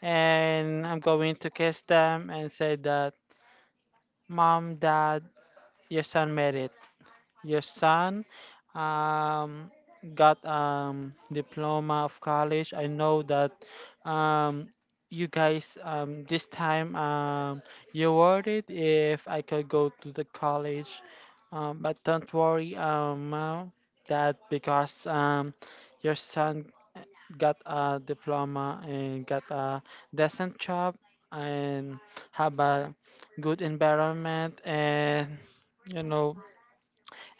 [SPEAKER 1] and I'm going to kiss them and say that, Mom, Dad, your son made it. Your son um, got diploma of college. I know that um, you guys this time you worried if I could go to the college, but don't worry ma'am, that because your son eh, got a diploma and got a decent job and have a good environment and you know.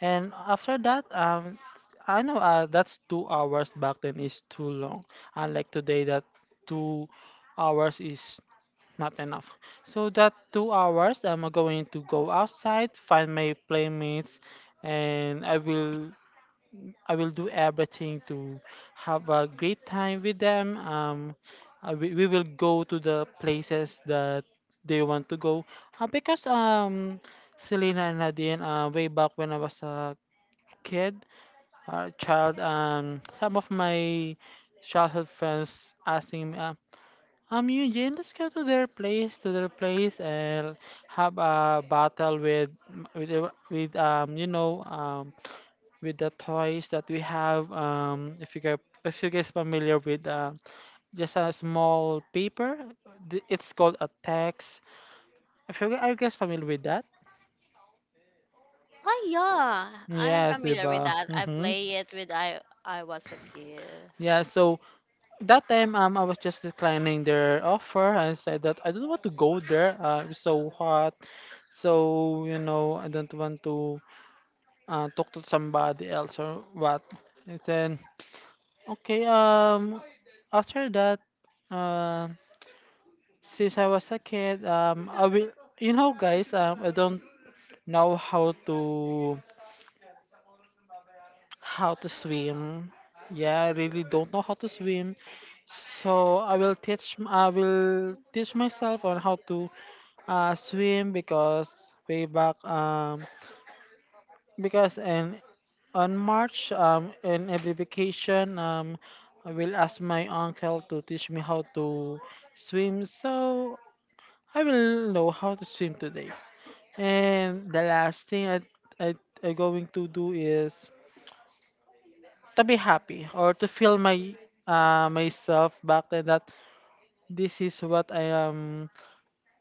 [SPEAKER 1] And after that, I know that's 2 hours back then is too long. Unlike today, that 2 hours is not enough. So that 2 hours, I'm going to go outside, find my playmates, and I will do everything to have a great time with them. We will go to the places that they want to go. Because Selena and Nadine, way back when I was a kid or child, some of my childhood friends asking me, Eugene, let's go to their place, and have a battle with, the- with, you know, with the toys that we have. If you guys familiar with, just a small paper, it's called a text. If you gu- are you guys familiar with that?
[SPEAKER 3] Oh yeah, I'm
[SPEAKER 1] Yes,
[SPEAKER 3] familiar with
[SPEAKER 1] diba?
[SPEAKER 3] that. I
[SPEAKER 1] Mm-hmm.
[SPEAKER 3] play it with I was a kid.
[SPEAKER 1] Yeah, so that time I was just declining their offer and said that I don't want to go there. It's so hot, so you know I don't want to talk to somebody else or what. And then okay after that, uh, since I was a kid I will you know guys I don't know how to swim. Yeah, I really don't know how to swim. So I will teach myself on how to swim because way back because in on March in every vacation I will ask my uncle to teach me how to swim, so I will know how to swim today. And the last thing I I going to do is to be happy or to feel my myself back then that this is what I am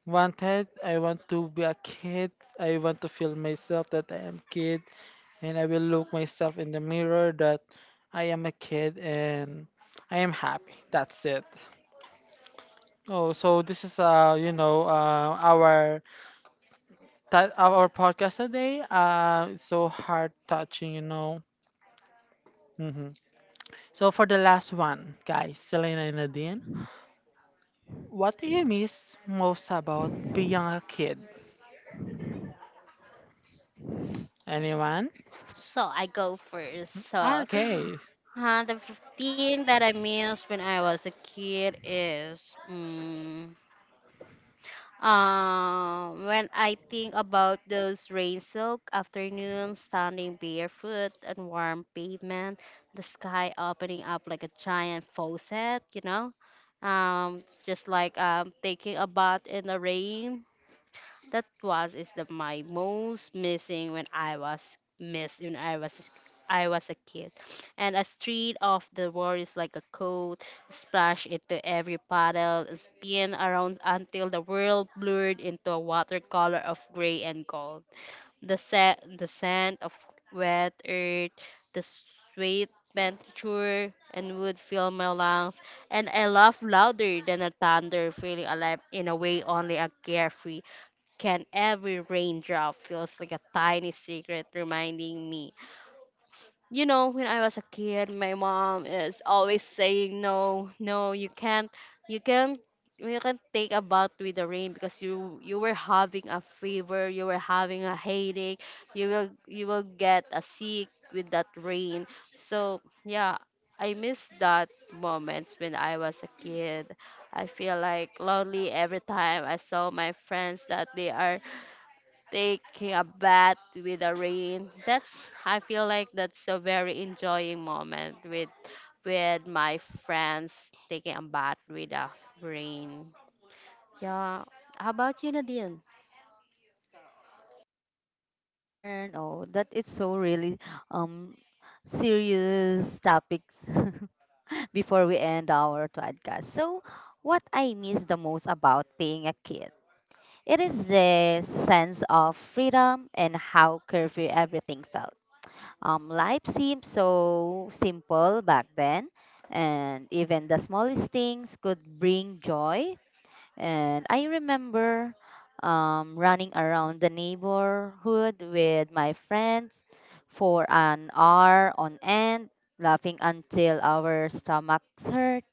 [SPEAKER 1] wanted. I want to be a kid. I want to feel myself that I am kid, and I will look myself in the mirror that I am a kid and I am happy. That's it. Oh, so this is our that our podcast today. It's so heart touching, you know. Hmm. So for the last one, guys, Selena and Nadine, what do you miss most about being a kid? Anyone?
[SPEAKER 3] So I go first. So
[SPEAKER 1] Okay.
[SPEAKER 3] huh, the thing that I miss when I was a kid is mm. When I think about those rain soaked afternoons, standing barefoot on warm pavement, the sky opening up like a giant faucet, you know, just like taking a bath in the rain, that was is the my most missing when I was missed when I was a kid. And a street of the worries like a coat, splash into every puddle, spin around until the world blurred into a watercolor of gray and gold. The scent of wet earth, the sweet venture and wood fill my lungs, and I laugh louder than a thunder, feeling alive in a way only a carefree can every raindrop feels like a tiny secret reminding me. You know, when I was a kid, my mom is always saying, "No, no, you can't, you can't, you can't take a bath with the rain because you were having a fever, you were having a headache, you will get a sick with that rain." So yeah, I miss that moments when I was a kid. I feel like lonely every time I saw my friends that they are taking a bath with the rain. That's I feel like that's a very enjoying moment with my friends taking a bath with the rain. Yeah. How about you, Nadine?
[SPEAKER 2] And oh, that it's so really um serious topics. Before we end our podcast. So, what I miss the most about being a kid, it is the sense of freedom and how carefree everything felt. Life seemed so simple back then, and even the smallest things could bring joy. And I remember running around the neighborhood with my friends for an hour on end, laughing until our stomachs hurt,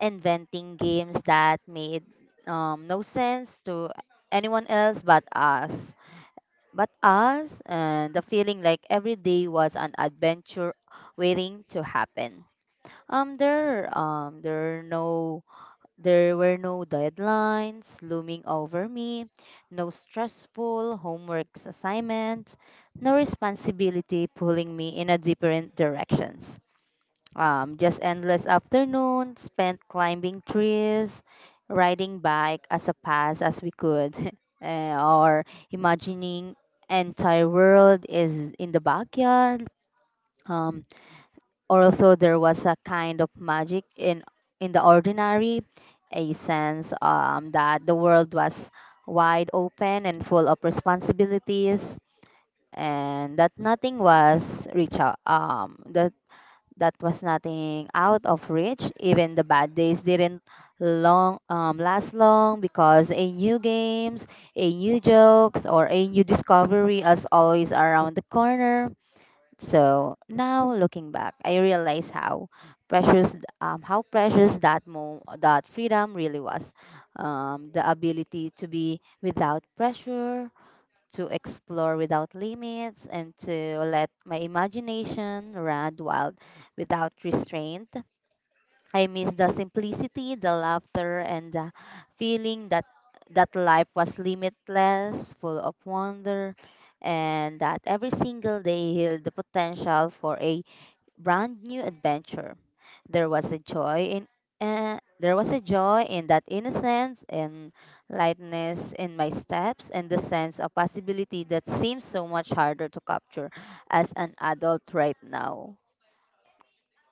[SPEAKER 2] inventing games that made no sense to anyone else but us. But us, the feeling like every day was an adventure waiting to happen. There are no, there were no deadlines looming over me, no stressful homework assignments, no responsibility pulling me in a different directions, just endless afternoon spent climbing trees, riding bike as a pass as we could, eh, or imagining entire world is in the backyard. Um, or also there was a kind of magic in the ordinary, a sense that the world was wide open and full of responsibilities and that nothing was reach, that that was nothing out of reach. Even the bad days didn't long, last long because a new games, a new jokes, or a new discovery is always around the corner. So now looking back, I realize how precious how precious that freedom really was. The ability to be without pressure, to explore without limits, and to let my imagination run wild without restraint. I miss the simplicity, the laughter, and the feeling that that life was limitless, full of wonder, and that every single day held the potential for a brand new adventure. There was a joy in there was a joy in that innocence and lightness in my steps and the sense of possibility that seems so much harder to capture as an adult right now.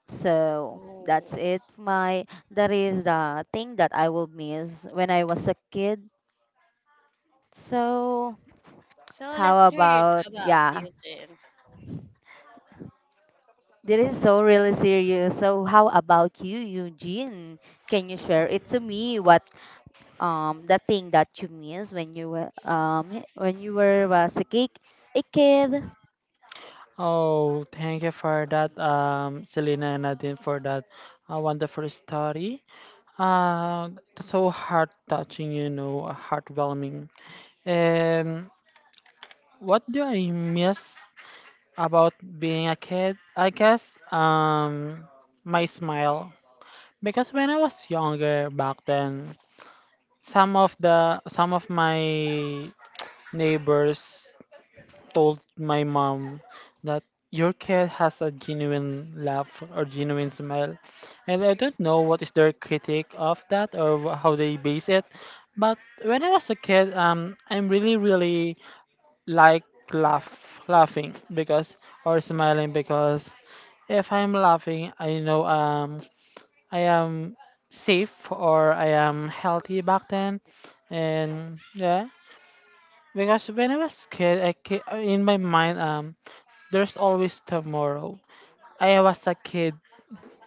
[SPEAKER 2] So that's
[SPEAKER 3] Oh.
[SPEAKER 2] it. My That is the thing that I will miss when I was a kid. So
[SPEAKER 3] So
[SPEAKER 2] how
[SPEAKER 3] let's hear it
[SPEAKER 2] about
[SPEAKER 3] about
[SPEAKER 2] yeah?
[SPEAKER 3] you, Jin.
[SPEAKER 2] This is so really serious. So how about you, Eugene? Can you share it to me? What the thing that you miss when when you were was a kid a kid
[SPEAKER 1] Oh, thank you for that, Selena and Nadine, for that wonderful story. Uh, That's so heart touching, you know, heartwarming. Um, what do I miss about being a kid? I guess um, my smile. Because when I was younger back then, some of my neighbors told my mom that your cat has a genuine laugh or genuine smile. And I don't know what is their critique of that or how they base it. But when I was a kid, I'm really, really like laugh, laughing because or smiling because if I'm laughing, I know I am safe or I am healthy back then, and yeah, because when I was kid, in my mind there's always tomorrow. I was a kid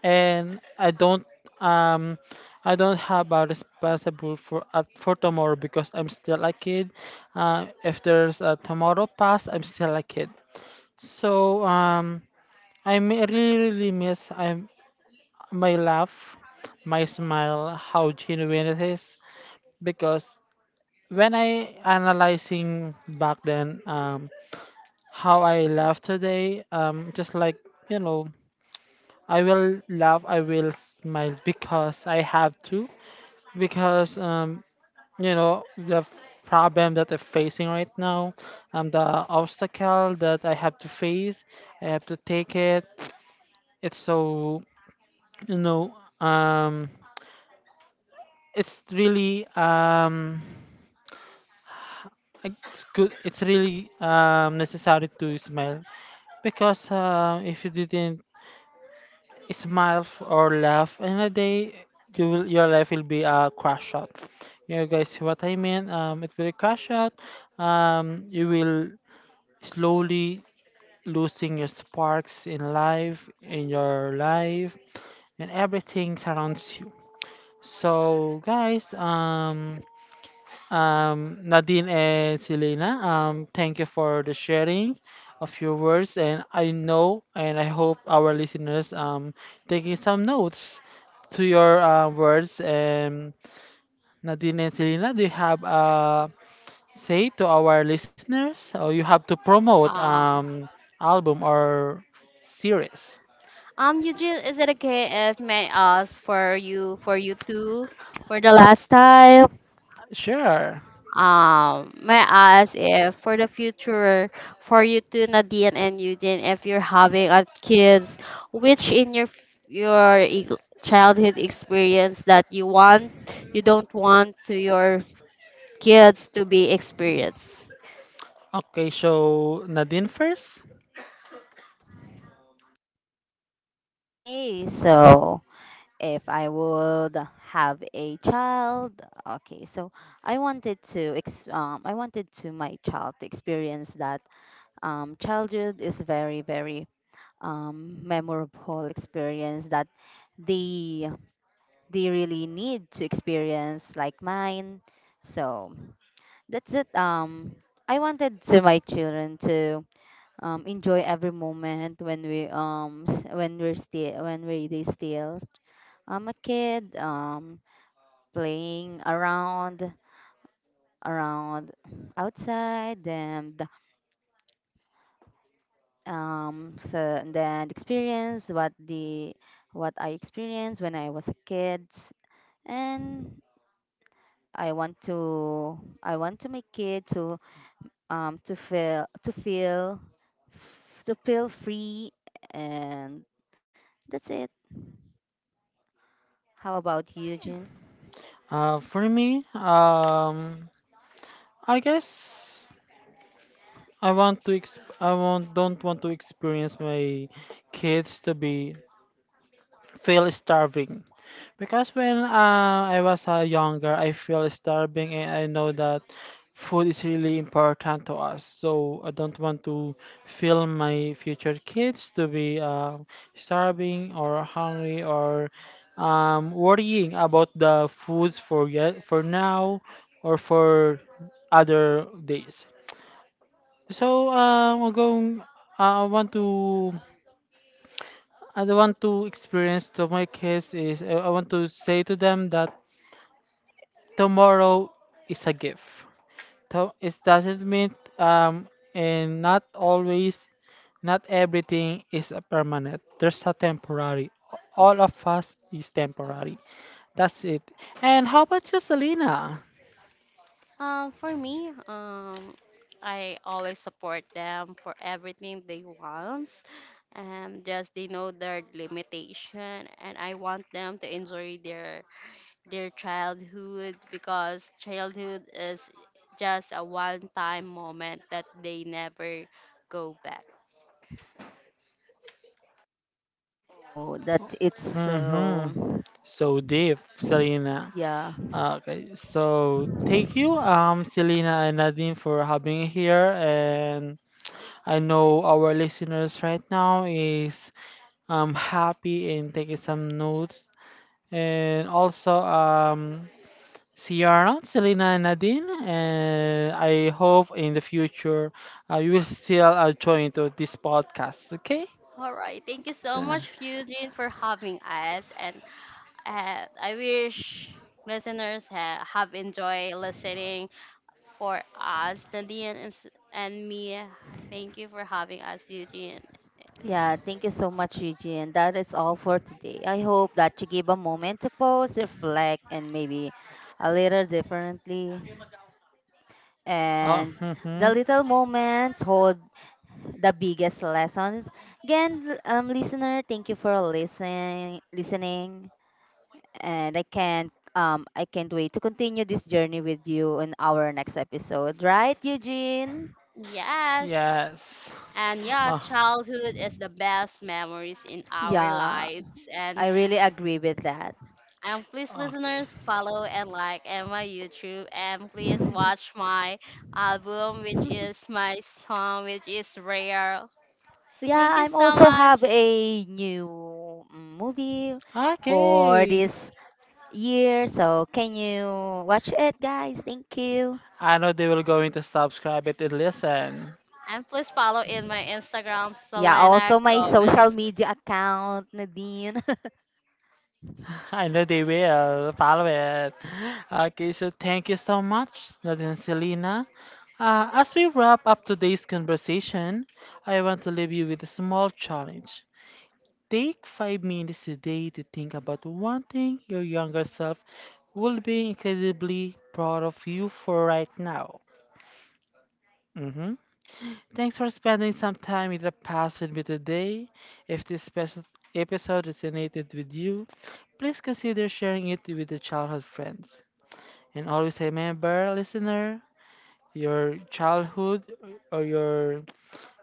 [SPEAKER 1] and um I don't have a responsible for tomorrow because I'm still a kid. If there's a tomorrow past, I'm still a kid. So really really miss I my laugh, my smile, how genuine it is, because when I analyzing back then how I laugh today just like you know I will laugh, I will smile because I have to. Because you know problem that I'm facing right now, the obstacle that I have to face, I have to take it. It's so you know um, it's really it's good. It's really necessary to smile, because if you didn't or laugh and a day you will, your life will be a crash out, you know guys what I mean, it will crash out. You will slowly losing your sparks in your life and everything surrounds you. So guys, Nadine and Selena, thank you for the sharing of your words, and I know and I hope our listeners taking some notes to your words. And Nadine and Selena, do you have say to our listeners, or you have to promote
[SPEAKER 3] Um,
[SPEAKER 1] album or series?
[SPEAKER 3] Eugene, is it okay if may I ask for you two for the last time?
[SPEAKER 1] Sure.
[SPEAKER 3] May I ask if for the future, for you two, Nadine and Eugene, if you're having a kids, which in your childhood experience that you want, you don't want to your kids to be experienced?
[SPEAKER 1] Okay, so Nadine first.
[SPEAKER 2] okay, so if I would have a child. Okay, so I wanted to I wanted to my child to experience that childhood is very very memorable experience that they they really need to experience like mine. So that's it. I wanted to my children to enjoy every moment when when we're still when we they still a kid, playing around around outside and so and then experience what the what I experienced when I was a kid. And I want to make kid to um, to feel to feel to feel free. And that's it. How about you, Eugene?
[SPEAKER 1] For me, I guess. I want don't want to experience my kids to be feel starving, because when I was younger I feel starving and I know that food is really important to us, so I don't want to feel my future kids to be starving or hungry or worrying about the foods for yet for now or for other days. So I'm going. I want to. I don't want to experience. So my case is. I want to say to them that tomorrow is a gift. To, it doesn't mean and not always, not everything is a permanent. There's a temporary. All of us is temporary. That's it. And how about you, Selena?
[SPEAKER 3] Um, for me, um, I always support them for everything they want. And just they know their limitation, and I want them to enjoy their childhood because childhood is just a one time moment that they never go back.
[SPEAKER 2] Oh, that it's so
[SPEAKER 1] Mm-hmm. So deep, Selena.
[SPEAKER 2] yeah,
[SPEAKER 1] Okay, so thank you, Selena and Nadine, for having here. And I know our listeners right now is happy and taking some notes. And also, see you around, Selena and Nadine. And I hope in the future you will still join to this podcast. Okay?
[SPEAKER 3] All right, thank you so
[SPEAKER 1] Uh,
[SPEAKER 3] much, Eugene, for having us. And I wish listeners have enjoyed listening for us, Nadine and me. Thank you for having us, Eugene.
[SPEAKER 2] yeah, thank you so much, Eugene. That is all for today. I hope that you give a moment to pause, reflect, and maybe a little differently,
[SPEAKER 1] oh,
[SPEAKER 2] and the
[SPEAKER 1] mhm.
[SPEAKER 2] little moments hold the biggest lessons. Again, listener, thank you for listening, and I can't wait to continue this journey with you in our next episode. Right, Eugene?
[SPEAKER 3] Yes.
[SPEAKER 1] Yes.
[SPEAKER 3] And yeah,
[SPEAKER 1] Uh,
[SPEAKER 3] childhood is the best memories in our
[SPEAKER 2] Yeah,
[SPEAKER 3] lives. And
[SPEAKER 2] I really agree with that.
[SPEAKER 3] And please,
[SPEAKER 1] okay.
[SPEAKER 3] listeners, follow and like and my YouTube. And please watch my album, which is my song, which is rare.
[SPEAKER 2] Yeah,
[SPEAKER 3] Thank you
[SPEAKER 2] I'm
[SPEAKER 3] so
[SPEAKER 2] also
[SPEAKER 3] much.
[SPEAKER 2] have a new movie for
[SPEAKER 1] Okay.
[SPEAKER 2] this year, so can you watch it, guys? Thank you.
[SPEAKER 1] I know they will going to subscribe it and listen.
[SPEAKER 3] And please follow in my Instagram,
[SPEAKER 2] Yeah,
[SPEAKER 3] Selena
[SPEAKER 2] also my
[SPEAKER 3] Gomez.
[SPEAKER 2] social media account, Nadine.
[SPEAKER 1] I know they will follow it. Okay, so thank you so much, Nathan and Selena. As we wrap up today's conversation, I want to leave you with a small challenge. Take 5 minutes today to think about one thing your younger self will be incredibly proud of you for right now. Mhm. Thanks for spending some time in the past with me today. If this special episode resonated with you, please consider sharing it with your childhood friends. And always remember, listener, your childhood or your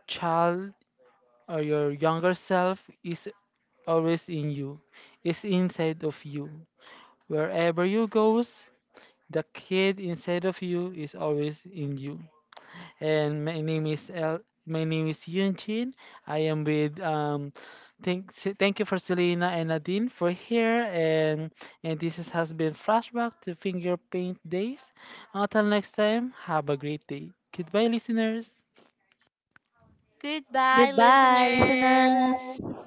[SPEAKER 1] child or your younger self is always in you, is inside of you. Wherever you goes, the kid inside of you is always in you. And my name is El. My name is Yunchin. I am with. Thank you for Selena and Nadine for here, and this has been flashback to finger paint days. Until next time, have a great day. Goodbye, listeners.
[SPEAKER 3] Goodbye,
[SPEAKER 2] Goodbye,
[SPEAKER 3] listeners.
[SPEAKER 2] listeners.